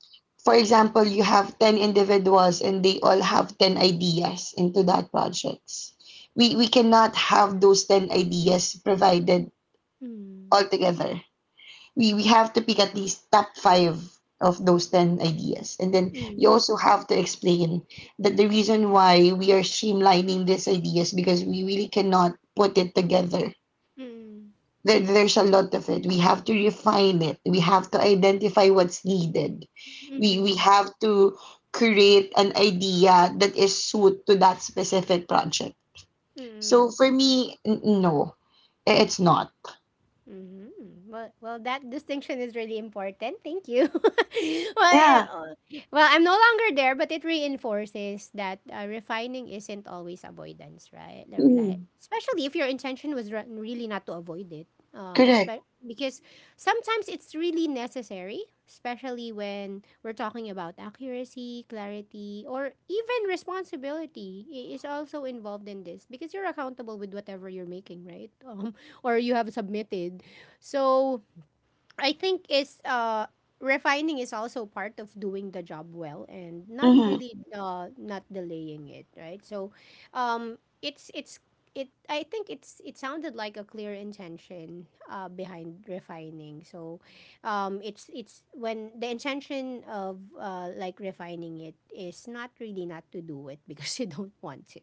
[SPEAKER 2] for example, you have 10 individuals and they all have 10 ideas into that projects, we cannot have those 10 ideas provided
[SPEAKER 1] Mm.
[SPEAKER 2] all together, we have to pick at least top five of those 10 ideas. And then you
[SPEAKER 1] Mm.
[SPEAKER 2] also have to explain that the reason why we are streamlining these ideas, because we really cannot put it together.
[SPEAKER 1] Mm.
[SPEAKER 2] There's a lot of it. We have to refine it. We have to identify what's needed.
[SPEAKER 1] 嗯哼，嗯嗯。
[SPEAKER 2] We have to create an idea that is suited to that specific project. So
[SPEAKER 1] 嗯
[SPEAKER 2] for me, no, it's not.
[SPEAKER 1] Mm-hmm. Well, well, that distinction is really important. Thank you. well, uh,
[SPEAKER 2] Yeah,
[SPEAKER 1] well, I'm no longer there, but it reinforces that refining isn't always avoidance, right? Or like,
[SPEAKER 2] mm,
[SPEAKER 1] especially if your intention was really not to avoid it.
[SPEAKER 2] correct.
[SPEAKER 1] Because sometimes it's really necessary, especially when we're talking about accuracy, clarity, or even responsibility is also involved in this because you're accountable with whatever you're making, right? Or you have submitted. So I think is refining is also part of doing the job well and not
[SPEAKER 2] Mm-hmm.
[SPEAKER 1] really not delaying it, right? So it's it I think it's it sounded like a clear intention behind refining. So it's when the intention of like refining it is not really not to do it because you don't want to.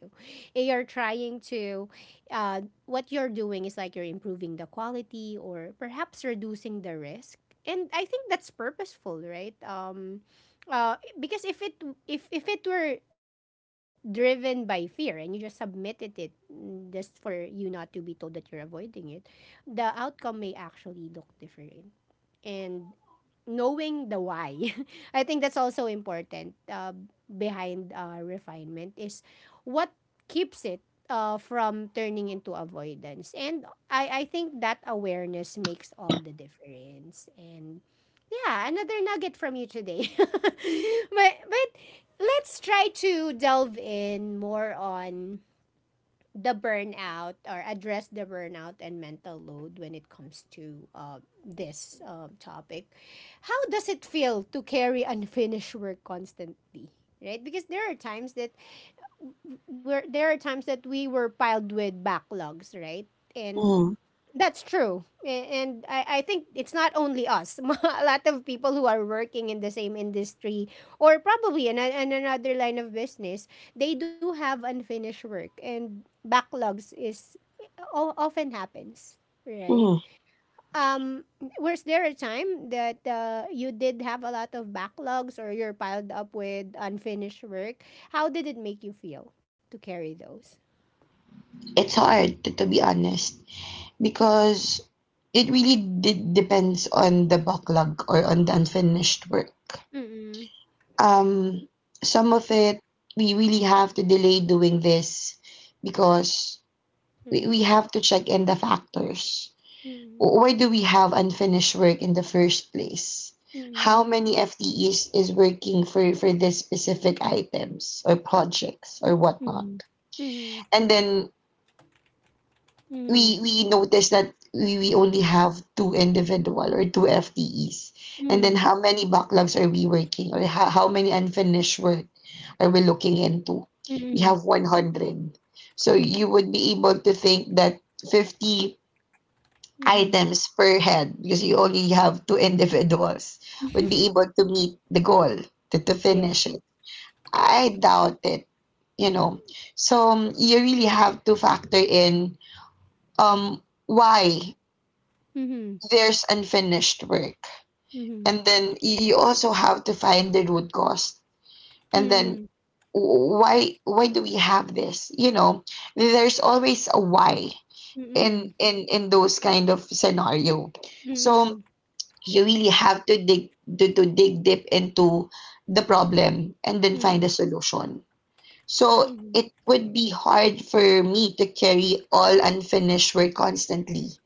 [SPEAKER 1] You're trying to uh what you're doing is like you're improving the quality, or perhaps reducing the risk, and I think that's purposeful, right? Because if it were driven by fear and you just submitted it mm, just for you not to be told that you're avoiding it, the outcome may actually look different. And knowing the why. I think that's also important behind refinement is what keeps it from turning into avoidance. And I think that awareness makes all the difference. And yeah, another nugget from you today. But let's try to delve in more on the burnout or address the burnout and mental load when it comes to this topic. How does it feel to carry unfinished work constantly? Right? Because there are times that there are times that we were piled with backlogs, right? And
[SPEAKER 2] Mm-hmm.
[SPEAKER 1] that's true. And I think it's not only us. A lot of people who are working in the same industry, or probably in, a, in another line of business, they do have unfinished work, and backlogs is often happens, right? Um was there a time that you did have a lot of backlogs, or you're piled up with unfinished work? How did it make you feel to carry those?
[SPEAKER 2] It's hard, to be honest, because it really did depends on the backlog or on the unfinished work.
[SPEAKER 1] Mm.
[SPEAKER 2] Um, some of it we really have to delay doing this because we
[SPEAKER 1] Mm.
[SPEAKER 2] have to check in the factors.
[SPEAKER 1] Mm.
[SPEAKER 2] Why do we have unfinished work in the first place? How
[SPEAKER 1] Mm.
[SPEAKER 2] many FTEs is working for this specific items or projects or whatnot?
[SPEAKER 1] Mhm. Mhm.
[SPEAKER 2] And then
[SPEAKER 1] Mhm.
[SPEAKER 2] we noticed that we only have two individual or two FTEs. And then
[SPEAKER 1] Mhm.
[SPEAKER 2] how many backlogs are we working, or how many unfinished work are we looking into? We
[SPEAKER 1] Mhm.
[SPEAKER 2] have 100. So you would be able to think that 50
[SPEAKER 1] Mhm.
[SPEAKER 2] items per head, because you only have two individuals would be able to meet the goal to
[SPEAKER 1] Yes.
[SPEAKER 2] finish it. I doubt it, you know. So you really have to factor in um why
[SPEAKER 1] Mhm.
[SPEAKER 2] there's unfinished work.
[SPEAKER 1] Mhm.
[SPEAKER 2] And then you also have to find the root cause. And then
[SPEAKER 1] Mhm.
[SPEAKER 2] why do we have this? You know, there's always a why in
[SPEAKER 1] Mhm.
[SPEAKER 2] those kind of scenario. So
[SPEAKER 1] Mhm.
[SPEAKER 2] you really have to dig deep into the problem, and then find a
[SPEAKER 1] Mhm.
[SPEAKER 2] solution. So
[SPEAKER 1] Mhm.
[SPEAKER 2] it would be hard for me to carry all unfinished work constantly,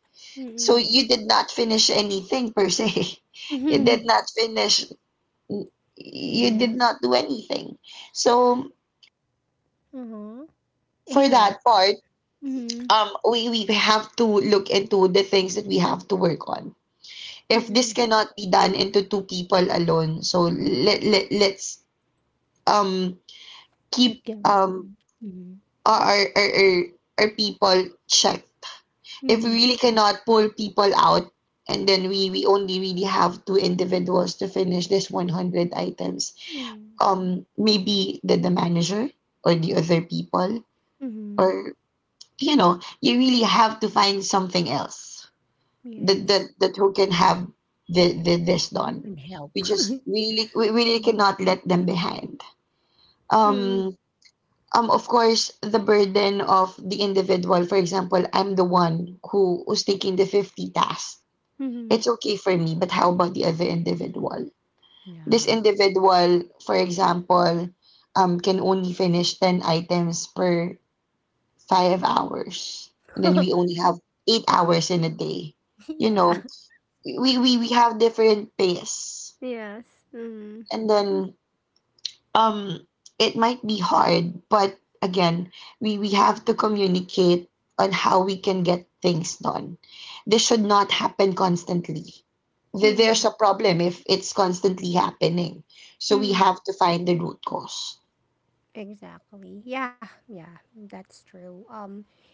[SPEAKER 2] so
[SPEAKER 1] Mhm.
[SPEAKER 2] you did not finish anything per se. You
[SPEAKER 1] Hmm.
[SPEAKER 2] did not finish, you did
[SPEAKER 1] Yes.
[SPEAKER 2] not do anything. So
[SPEAKER 1] Uh-huh.
[SPEAKER 2] for
[SPEAKER 1] Yeah.
[SPEAKER 2] that part,
[SPEAKER 1] Mhm.
[SPEAKER 2] we have to look into the things that we have to work on. If this
[SPEAKER 1] Mhm.
[SPEAKER 2] cannot be done into two people alone, so let's um,
[SPEAKER 1] Let
[SPEAKER 2] keep
[SPEAKER 1] go. Mhm.
[SPEAKER 2] our, our, our, our people check. If we
[SPEAKER 1] Mhm.
[SPEAKER 2] really cannot pull people out, and then we only really have two individuals to finish this 100 items,
[SPEAKER 1] Mhm.
[SPEAKER 2] um, maybe the manager or the other people,
[SPEAKER 1] Mhm. Mhm.
[SPEAKER 2] or you know, you really have to find something else
[SPEAKER 1] Yes.
[SPEAKER 2] that who can have the this
[SPEAKER 1] You
[SPEAKER 2] done.
[SPEAKER 1] can help.
[SPEAKER 2] We really
[SPEAKER 1] Mhm.
[SPEAKER 2] cannot let them behind,
[SPEAKER 1] Mhm.
[SPEAKER 2] um um, of course the burden of the individual, for example, I'm the one who who's taking the 50 tasks,
[SPEAKER 1] Mhm.
[SPEAKER 2] it's okay for me, but how about the other individual? This
[SPEAKER 1] Yeah.
[SPEAKER 2] individual, for example, can only finish 10 items per five hours. And then we only have eight hours in a day. You
[SPEAKER 1] Yeah.
[SPEAKER 2] know, we have different pace.
[SPEAKER 1] Yes. Mhm.
[SPEAKER 2] And then um, it might be hard, but again we have to communicate on how we can get things done. This should not happen constantly. There's a
[SPEAKER 1] Mhm.
[SPEAKER 2] problem if it's constantly happening, so we
[SPEAKER 1] Mhm.
[SPEAKER 2] have to find the root cause.
[SPEAKER 1] Exactly. Yeah, yeah, that's true. Um,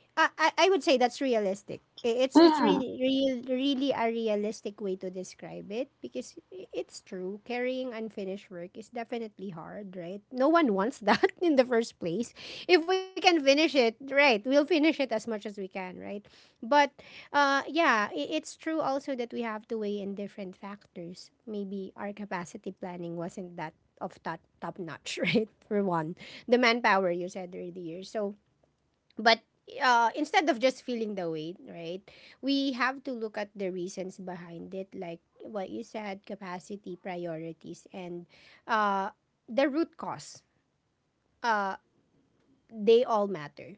[SPEAKER 1] I, I, I would say that's realistic. It's
[SPEAKER 2] Yeah.
[SPEAKER 1] really real really a realistic way to describe it, because it's true. Carrying unfinished work is definitely hard, right? No one wants that in the first place. If we can finish it, right, we'll finish it as much as we can, right? But yeah, it's true also that we have to weigh in different factors. Maybe our capacity planning wasn't that of top notch, right? For one, the manpower you said earlier. So, but instead of just feeling the weight, right, we have to look at the reasons behind it, like what you said, capacity, priorities, and uh, the root cause. Uh, they all matter.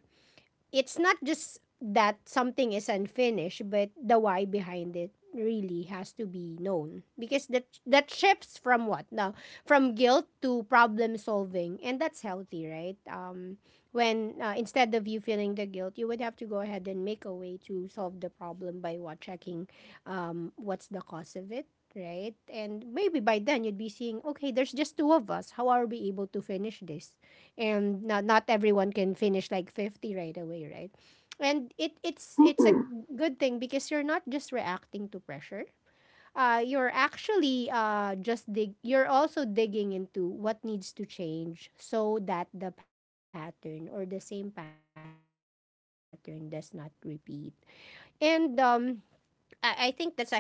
[SPEAKER 1] It's not just that something is unfinished, but the why behind it really has to be known, because that shifts from what now from guilt to problem solving, and that's healthy, right? When instead of you feeling the guilt, you would have to go ahead and make a way to solve the problem by what checking what's the cause of it, right? And maybe by then you'd be seeing, okay, there's just two of us, how are we able to finish this? And not everyone can finish like 50 right away, right? And it's a
[SPEAKER 2] Mm-mm.
[SPEAKER 1] good thing because you're not just reacting to pressure, you're actually just dig you're also digging into what needs to change so that the pattern or the same pattern does not repeat. And I think that's a healthy mindset,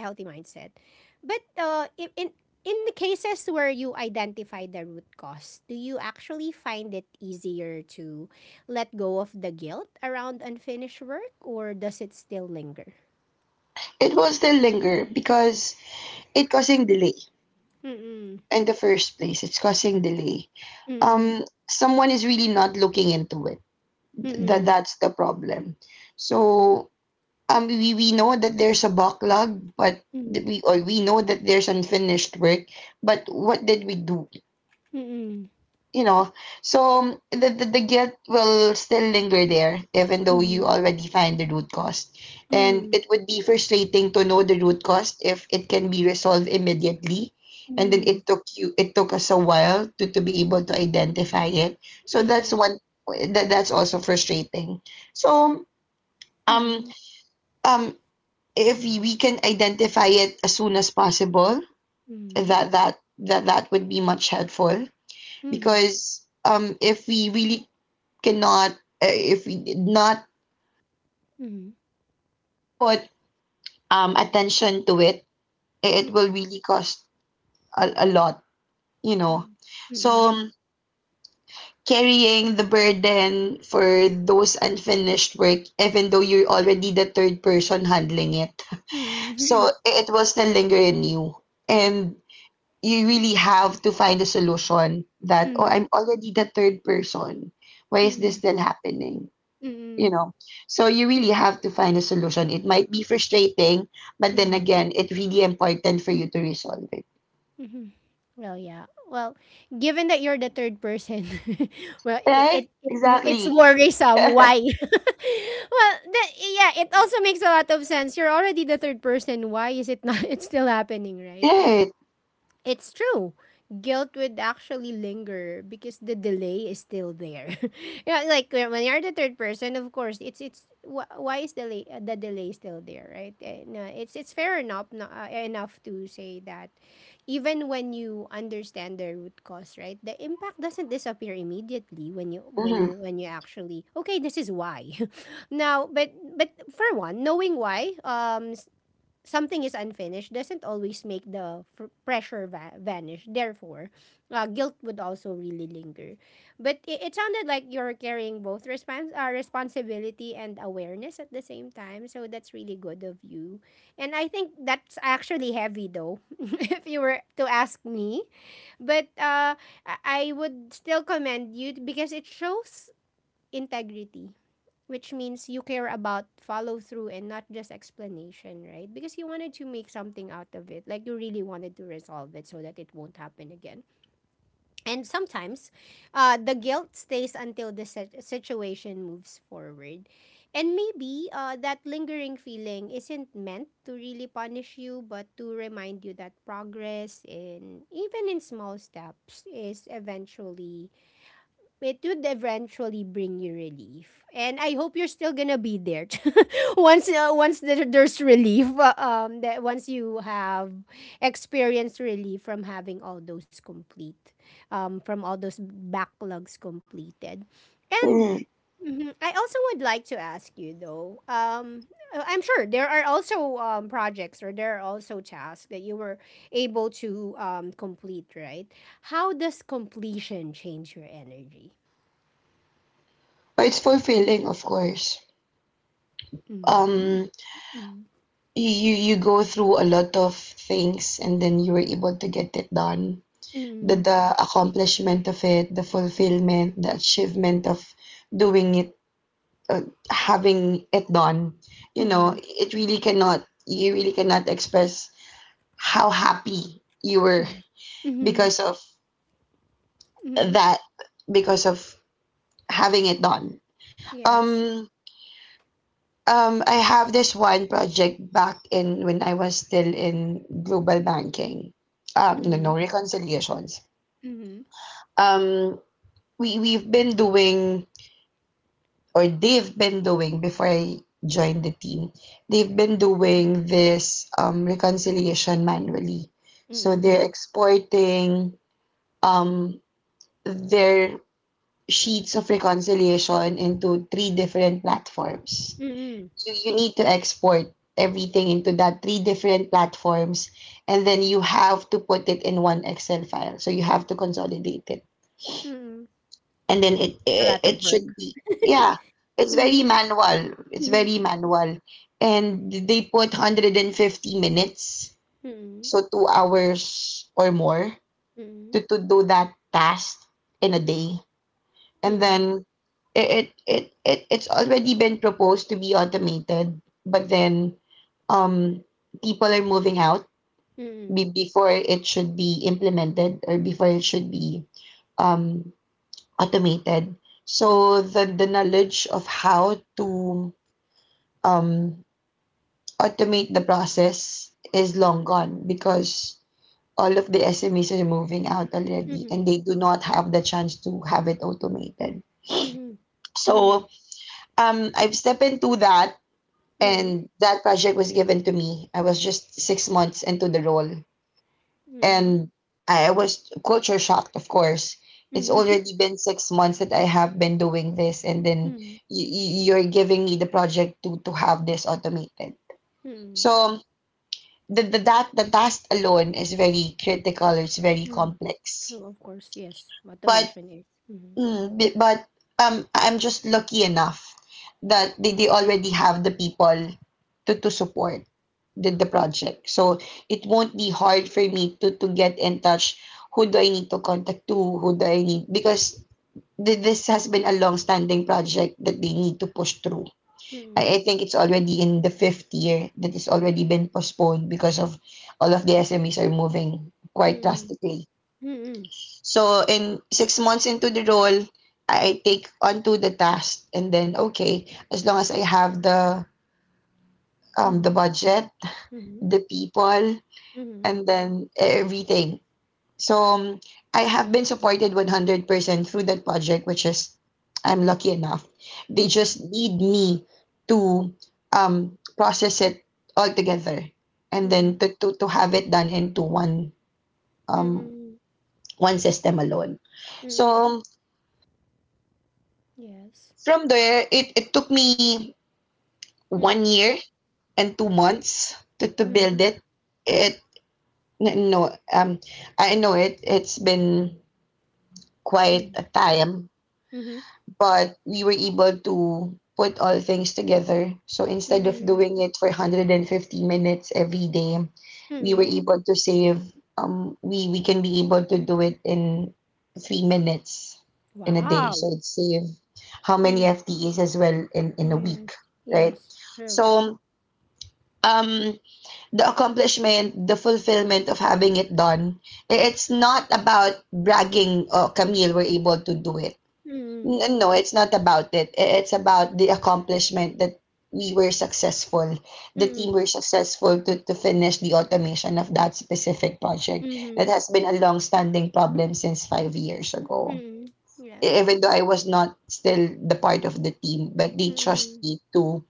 [SPEAKER 1] but in the cases where you identify the root cause, do you actually find it easier to let go of the guilt around unfinished work, or does it still linger?
[SPEAKER 2] It will still linger because it causing delay
[SPEAKER 1] Mm-mm.
[SPEAKER 2] in the first place. It's causing delay.
[SPEAKER 1] Mm-mm.
[SPEAKER 2] um Someone is really not looking into it. Th- that
[SPEAKER 1] Mm-mm.
[SPEAKER 2] that's the problem. So we, know that there's a backlog, but
[SPEAKER 1] Mm-mm.
[SPEAKER 2] we know that there's unfinished work, but what did we do,
[SPEAKER 1] Mm-mm.
[SPEAKER 2] you know so the guilt will still linger there even though you
[SPEAKER 1] Mm-mm.
[SPEAKER 2] already find the root cause. And it would be frustrating to know the root cause if it can be resolved immediately, and then
[SPEAKER 1] Mm-mm.
[SPEAKER 2] it took us a while to be able to identify it. So that's one. That's also frustrating. So um
[SPEAKER 1] Mm-mm.
[SPEAKER 2] um if we can identify it as soon as possible, that would be much helpful.
[SPEAKER 1] Mm-mm.
[SPEAKER 2] Because if we really cannot, if we did not put attention to it, it
[SPEAKER 1] Mm-mm.
[SPEAKER 2] will
[SPEAKER 1] Mm-mm.
[SPEAKER 2] really cost a lot, you know.
[SPEAKER 1] Mm-mm. Mm-mm. Mm-mm. Mm-mm.
[SPEAKER 2] So carrying the burden for those unfinished work, even though you're already the third person handling it, so
[SPEAKER 1] Mm-mm.
[SPEAKER 2] it will still linger in you, and you really have to find a solution that oh,
[SPEAKER 1] Mm-mm.
[SPEAKER 2] I'm already the third person, why is this
[SPEAKER 1] Mm-mm.
[SPEAKER 2] still happening, you
[SPEAKER 1] Mm-mm.
[SPEAKER 2] know so you really have to find a solution. It might be frustrating, but then
[SPEAKER 1] Mm-mm.
[SPEAKER 2] again, it's really important for you to resolve it.
[SPEAKER 1] Mhm. Well, yeah. Well, given that you're the third person, well,
[SPEAKER 2] Right,
[SPEAKER 1] it it's
[SPEAKER 2] exactly.
[SPEAKER 1] worrisome. Why? Well, that, yeah, it also makes a lot of sense. You're already the third person. Why is it not? It's still happening, right? And
[SPEAKER 2] Right.
[SPEAKER 1] it's true. Guilt would actually linger because the delay is still there. Yeah, like when you're the third person, of course, it's why is delay the delay still there, right? Eh, no, it's fair enough no, enough to say that even when you understand the root cause, right? The impact doesn't disappear immediately when you
[SPEAKER 2] Mm-hmm.
[SPEAKER 1] when you actually okay, this is why. Now, but for one, knowing why something is unfinished doesn't always make the pressure vanish. Therefore, guilt would also really linger. But it sounded like you're carrying both responsibility and awareness at the same time. So that's really good of you. And I think that's actually heavy though, if you were to ask me. But I would still commend you because it shows integrity, which means you care about follow through and not just explanation, right? Because you wanted to make something out of it, like you really wanted to resolve it so that it won't happen again. And sometimes, the guilt stays until the situation moves forward. And maybe that lingering feeling isn't meant to really punish you, but to remind you that progress in even in small steps is eventually it would eventually bring you relief. And I hope you're still gonna be there once there's relief. That once you have experienced relief from all those backlogs completed, and
[SPEAKER 2] Mm-hmm.
[SPEAKER 1] Mhm. I also would like to ask you though. I'm sure there are also projects or there are also tasks that you were able to complete, right? How does completion change your energy?
[SPEAKER 2] It's fulfilling, of course.
[SPEAKER 1] Mm.
[SPEAKER 2] um
[SPEAKER 1] Mm.
[SPEAKER 2] you go through a lot of things and then you were able to get it done. the
[SPEAKER 1] Mm.
[SPEAKER 2] the accomplishment of it, the fulfillment, the achievement of doing it, uh, having it done, you know,
[SPEAKER 1] Mm.
[SPEAKER 2] it really cannot, you really cannot express how happy you were
[SPEAKER 1] Mm. Mhm.
[SPEAKER 2] because of
[SPEAKER 1] Mhm.
[SPEAKER 2] that, because of having it done.
[SPEAKER 1] Yes.
[SPEAKER 2] Um, um, I have this one project back in when I was still in global banking. No,
[SPEAKER 1] Mhm.
[SPEAKER 2] No reconciliations.
[SPEAKER 1] Mhm.
[SPEAKER 2] Um, we've been doing or they've been doing before I joined the team, they've been
[SPEAKER 1] Mm.
[SPEAKER 2] doing this reconciliation manually. So
[SPEAKER 1] Hmm.
[SPEAKER 2] they're exporting um, their sheets of reconciliation into three different platforms.
[SPEAKER 1] Hmm.
[SPEAKER 2] So you need to export everything into that three different platforms, and then you have to put it in one excel file, so you have to consolidate it.
[SPEAKER 1] Hmm.
[SPEAKER 2] And then it,
[SPEAKER 1] A
[SPEAKER 2] it
[SPEAKER 1] lot
[SPEAKER 2] it
[SPEAKER 1] of work.
[SPEAKER 2] should be, yeah, it's very
[SPEAKER 1] Mhm.
[SPEAKER 2] manual. It's
[SPEAKER 1] Mhm.
[SPEAKER 2] very manual. And they put 150 minutes,
[SPEAKER 1] Mhm.
[SPEAKER 2] so 2 hours or more to do that task in a day. And
[SPEAKER 1] Mhm.
[SPEAKER 2] then it's already been proposed to be automated, but then um people are moving out
[SPEAKER 1] Mhm.
[SPEAKER 2] before it should be implemented or before it should be um automated. So the knowledge of how to um, automate the process is long gone because all of the SMEs are moving out already,
[SPEAKER 1] Mhm.
[SPEAKER 2] and they do not have the chance to have it automated.
[SPEAKER 1] Mhm. Mhm.
[SPEAKER 2] So I've stepped into that, and that project was given to me. I was just 6 months into the role,
[SPEAKER 1] Mhm. Mhm.
[SPEAKER 2] and I was culture shocked, of course. It's
[SPEAKER 1] Mhm. Mhm.
[SPEAKER 2] already been 6 months that I have been doing this, and then
[SPEAKER 1] Mhm.
[SPEAKER 2] you're giving me the project to have this automated.
[SPEAKER 1] Mhm.
[SPEAKER 2] So the task alone is very critical. It's very
[SPEAKER 1] Mhm.
[SPEAKER 2] complex,
[SPEAKER 1] True, of course. Yes.
[SPEAKER 2] but
[SPEAKER 1] Automation is. Mhm.
[SPEAKER 2] But I'm just lucky enough that they already have the people to support the project. So it won't be hard for me to get in touch. Who do I need to contact to? Who do I need? Because this has been a long-standing project that they need to push through.
[SPEAKER 1] Mhm.
[SPEAKER 2] I think it's already in the fifth year that it's already been postponed because of all of the SMEs are moving quite
[SPEAKER 1] Mhm.
[SPEAKER 2] drastically. So in 6 months into the role, I take onto the task, and then okay, as long as I have the
[SPEAKER 1] Mhm.
[SPEAKER 2] budget,
[SPEAKER 1] Mhm.
[SPEAKER 2] the people,
[SPEAKER 1] Mhm. Mhm.
[SPEAKER 2] and then everything. So I have been supported 100% through that project, which is I'm lucky enough. They
[SPEAKER 1] Mhm.
[SPEAKER 2] just need me to process it all together, and then
[SPEAKER 1] Mhm.
[SPEAKER 2] to, to have it done into one um,
[SPEAKER 1] Mhm.
[SPEAKER 2] one system alone. So
[SPEAKER 1] Mm, yes.
[SPEAKER 2] from there, it took me one
[SPEAKER 1] Mm,
[SPEAKER 2] year and 2 months to build
[SPEAKER 1] mhm,
[SPEAKER 2] it. It n- no I know it. It's been quite
[SPEAKER 1] mhm,
[SPEAKER 2] a time,
[SPEAKER 1] mhm,
[SPEAKER 2] but we were able to put all things together. So instead of
[SPEAKER 1] mhm,
[SPEAKER 2] doing it for 150 minutes every day, we were
[SPEAKER 1] mhm.
[SPEAKER 2] able to save um, we can be able to do it in 3 minutes in a day. So
[SPEAKER 1] Wow.
[SPEAKER 2] it save how many
[SPEAKER 1] Mm,
[SPEAKER 2] FTEs as well in a
[SPEAKER 1] yes.
[SPEAKER 2] week, right?
[SPEAKER 1] Yes. True.
[SPEAKER 2] So um the accomplishment, the fulfillment of having it done, it's not about bragging, oh, Camille, we're able to do it.
[SPEAKER 1] Mm,
[SPEAKER 2] No, it's not about it. It's about the accomplishment that we were successful, the team
[SPEAKER 1] mm,
[SPEAKER 2] were successful to finish the automation of that specific project. That
[SPEAKER 1] mhm,
[SPEAKER 2] has been a long-standing problem since 5 years ago.
[SPEAKER 1] mm. Yes.
[SPEAKER 2] Even
[SPEAKER 1] Yes.
[SPEAKER 2] though I was not still the part of the team, but they trust
[SPEAKER 1] Mm,
[SPEAKER 2] me to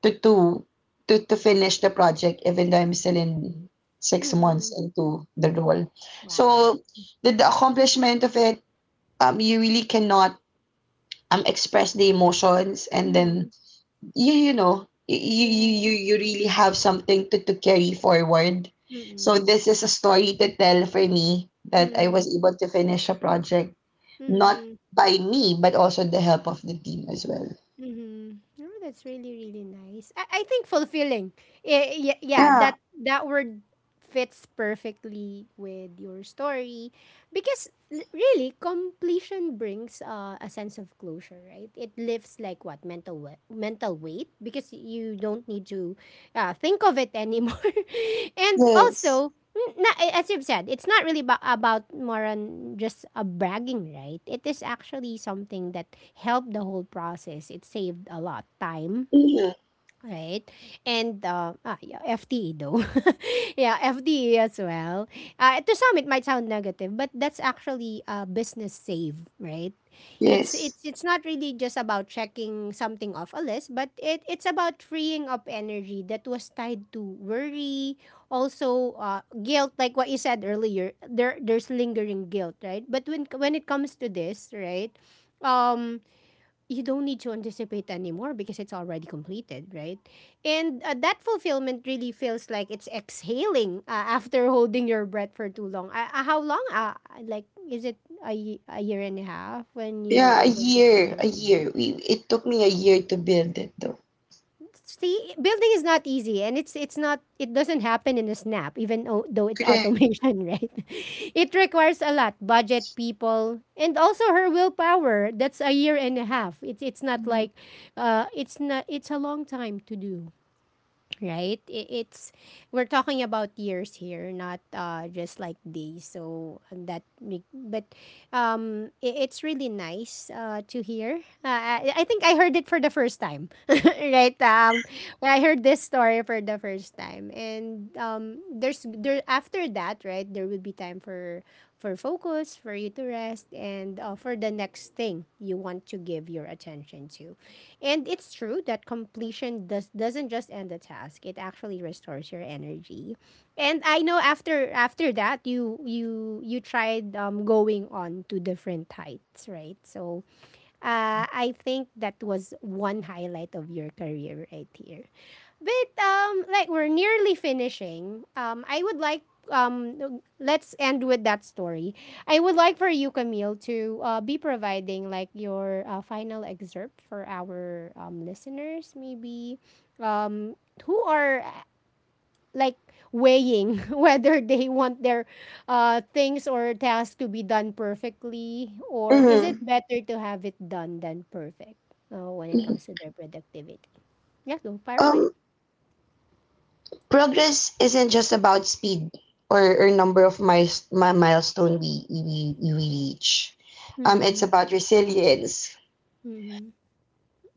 [SPEAKER 2] to to to finish the project, even though I'm still in 6 months
[SPEAKER 1] mm.
[SPEAKER 2] into the role.
[SPEAKER 1] Wow.
[SPEAKER 2] So the accomplishment of it, you really cannot express the emotions, and then
[SPEAKER 1] Mm,
[SPEAKER 2] you you know you you you
[SPEAKER 1] yes.
[SPEAKER 2] you really have something to carry forward. So
[SPEAKER 1] Mm,
[SPEAKER 2] this is a story to tell for me, that I
[SPEAKER 1] mm,
[SPEAKER 2] was able to finish a project, not
[SPEAKER 1] mm.
[SPEAKER 2] by me, but also the help of the team as well.
[SPEAKER 1] Mm-hmm. Oh, that's really really nice. I think fulfilling. Yeah, yeah,
[SPEAKER 2] Yeah.
[SPEAKER 1] that word fits perfectly with your story because really completion brings a sense of closure, right? It lifts like what mental mental weight because you don't need to think of it anymore. And
[SPEAKER 2] Yes.
[SPEAKER 1] also, not as you've said, it's not really about more on just a bragging, right? It is actually something that helped the whole process. It saved a lot time.
[SPEAKER 2] Hmm.
[SPEAKER 1] Right. And yeah, FTE though. Yeah, FTE as well. To some it might sound negative, but that's actually a business save, right? It's
[SPEAKER 2] Yes.
[SPEAKER 1] it's it's not really just about checking something off a list, but it's about freeing up energy that was tied to worry, also guilt, like what you said earlier. There's lingering guilt, right? But when it comes to this, right? Um you don't need to anticipate anymore because it's already completed, right? And that fulfillment really feels like it's exhaling after holding your breath for too long. How long? Like, is it a, y- A year and a half when you were
[SPEAKER 2] Yeah, a
[SPEAKER 1] able to
[SPEAKER 2] year,
[SPEAKER 1] finish it?
[SPEAKER 2] we, it took me a year to build it though.
[SPEAKER 1] See, building is not easy and it doesn't happen in a snap even though it's
[SPEAKER 2] Correct.
[SPEAKER 1] automation, right? It requires a lot budget people and also her willpower. That's a year and a half. It's not like it's not It's a long time to do, right? I- It's We're talking about years here, not just like days. So and that, re- but I- It's really nice to hear. I think I heard it for the first time, right? When I heard this story for the first time, and there after that, right? There will be time for focus, for you to rest, and for the next thing you want to give your attention to. And it's true that completion doesn't just end the task. It actually restores your energy. And I know after that you tried going on to different heights, right? So I think that was one highlight of your career right here. But like we're nearly finishing. I would like Let's end with that story. I would like for you, Camille, to be providing like your final excerpt for our listeners, maybe um, who are like weighing whether they want their things or tasks to be done perfectly, or is it
[SPEAKER 2] Mm-hmm.
[SPEAKER 1] better to have it done than perfect when it comes to their productivity? Yeah, go far away.
[SPEAKER 2] Um, progress isn't just about speed or number of miles, my milestone we reach. It's
[SPEAKER 1] Hmm.
[SPEAKER 2] about resilience,
[SPEAKER 1] Mhm.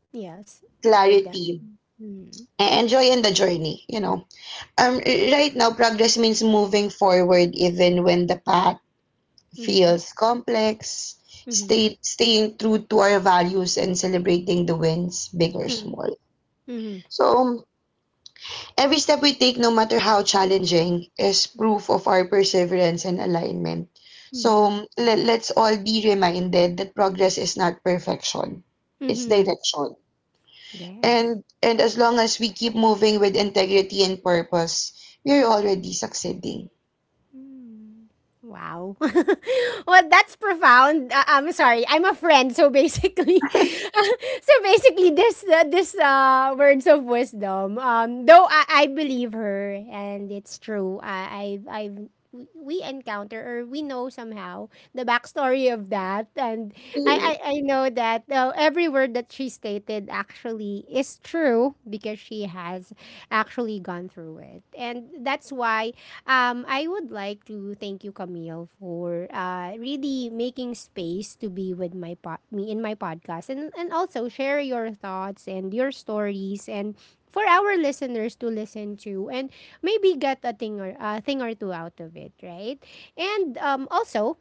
[SPEAKER 1] Yes, I def
[SPEAKER 2] clarity,
[SPEAKER 1] Mhm.
[SPEAKER 2] and joy in the journey, you know. Um, right now, progress means moving forward even when the path
[SPEAKER 1] Mhm.
[SPEAKER 2] feels complex,
[SPEAKER 1] Mhm.
[SPEAKER 2] staying true to our values and celebrating the wins, big or
[SPEAKER 1] Mhm.
[SPEAKER 2] small.
[SPEAKER 1] Mhm.
[SPEAKER 2] So, every step we take, no matter how challenging, is proof of our perseverance and alignment.
[SPEAKER 1] Mhm.
[SPEAKER 2] So let's all be reminded that progress is not perfection, it's
[SPEAKER 1] Mhm.
[SPEAKER 2] direction.
[SPEAKER 1] Yes.
[SPEAKER 2] And as long as we keep moving with integrity and purpose, we're already succeeding.
[SPEAKER 1] Mm. Wow. Well, that's profound. I'm sorry. I'm a friend, so basically, so basically, this words of wisdom. Though I believe her, and it's true. I We encounter or we know somehow the backstory of that, and I know that every word that she stated actually is true because she has actually gone through it, and that's why I would like to thank you, Camille, for really making space to be with me in my podcast, and also share your thoughts and your stories and. For our listeners to listen to and maybe get a thing or two out of it, right? And also,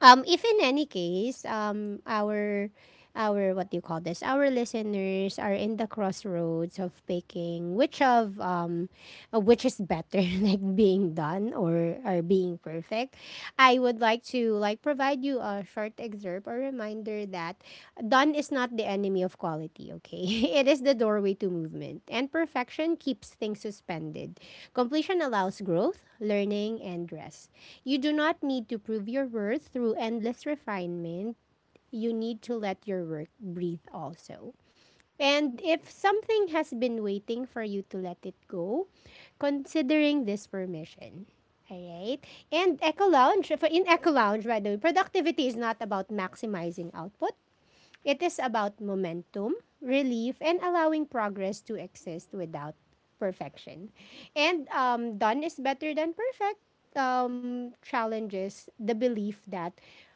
[SPEAKER 1] if in any case, our what do you call this? Our listeners are in the crossroads of picking which of which is better, like being done or being perfect. I would like to like provide you a short excerpt or reminder that done is not the enemy of quality. Okay, it is the doorway to movement, and perfection keeps things suspended. Completion allows growth, learning, and rest. You do not need to prove your worth through endless refinement. You need to let your work breathe also. And if something has been waiting for you to let it go, considering this permission. Alright? And Eco Lounge, for in Eco Lounge, by the way, productivity is not about maximizing output. It is about momentum, relief, and allowing progress to exist without perfection. And done is better than perfect challenges the belief that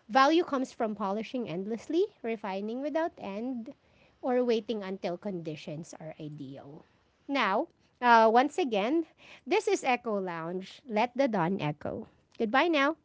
[SPEAKER 1] value comes from polishing endlessly, refining without end, or waiting until conditions are ideal. Now, once again, this is Echo Lounge. Let the dawn echo. Goodbye now.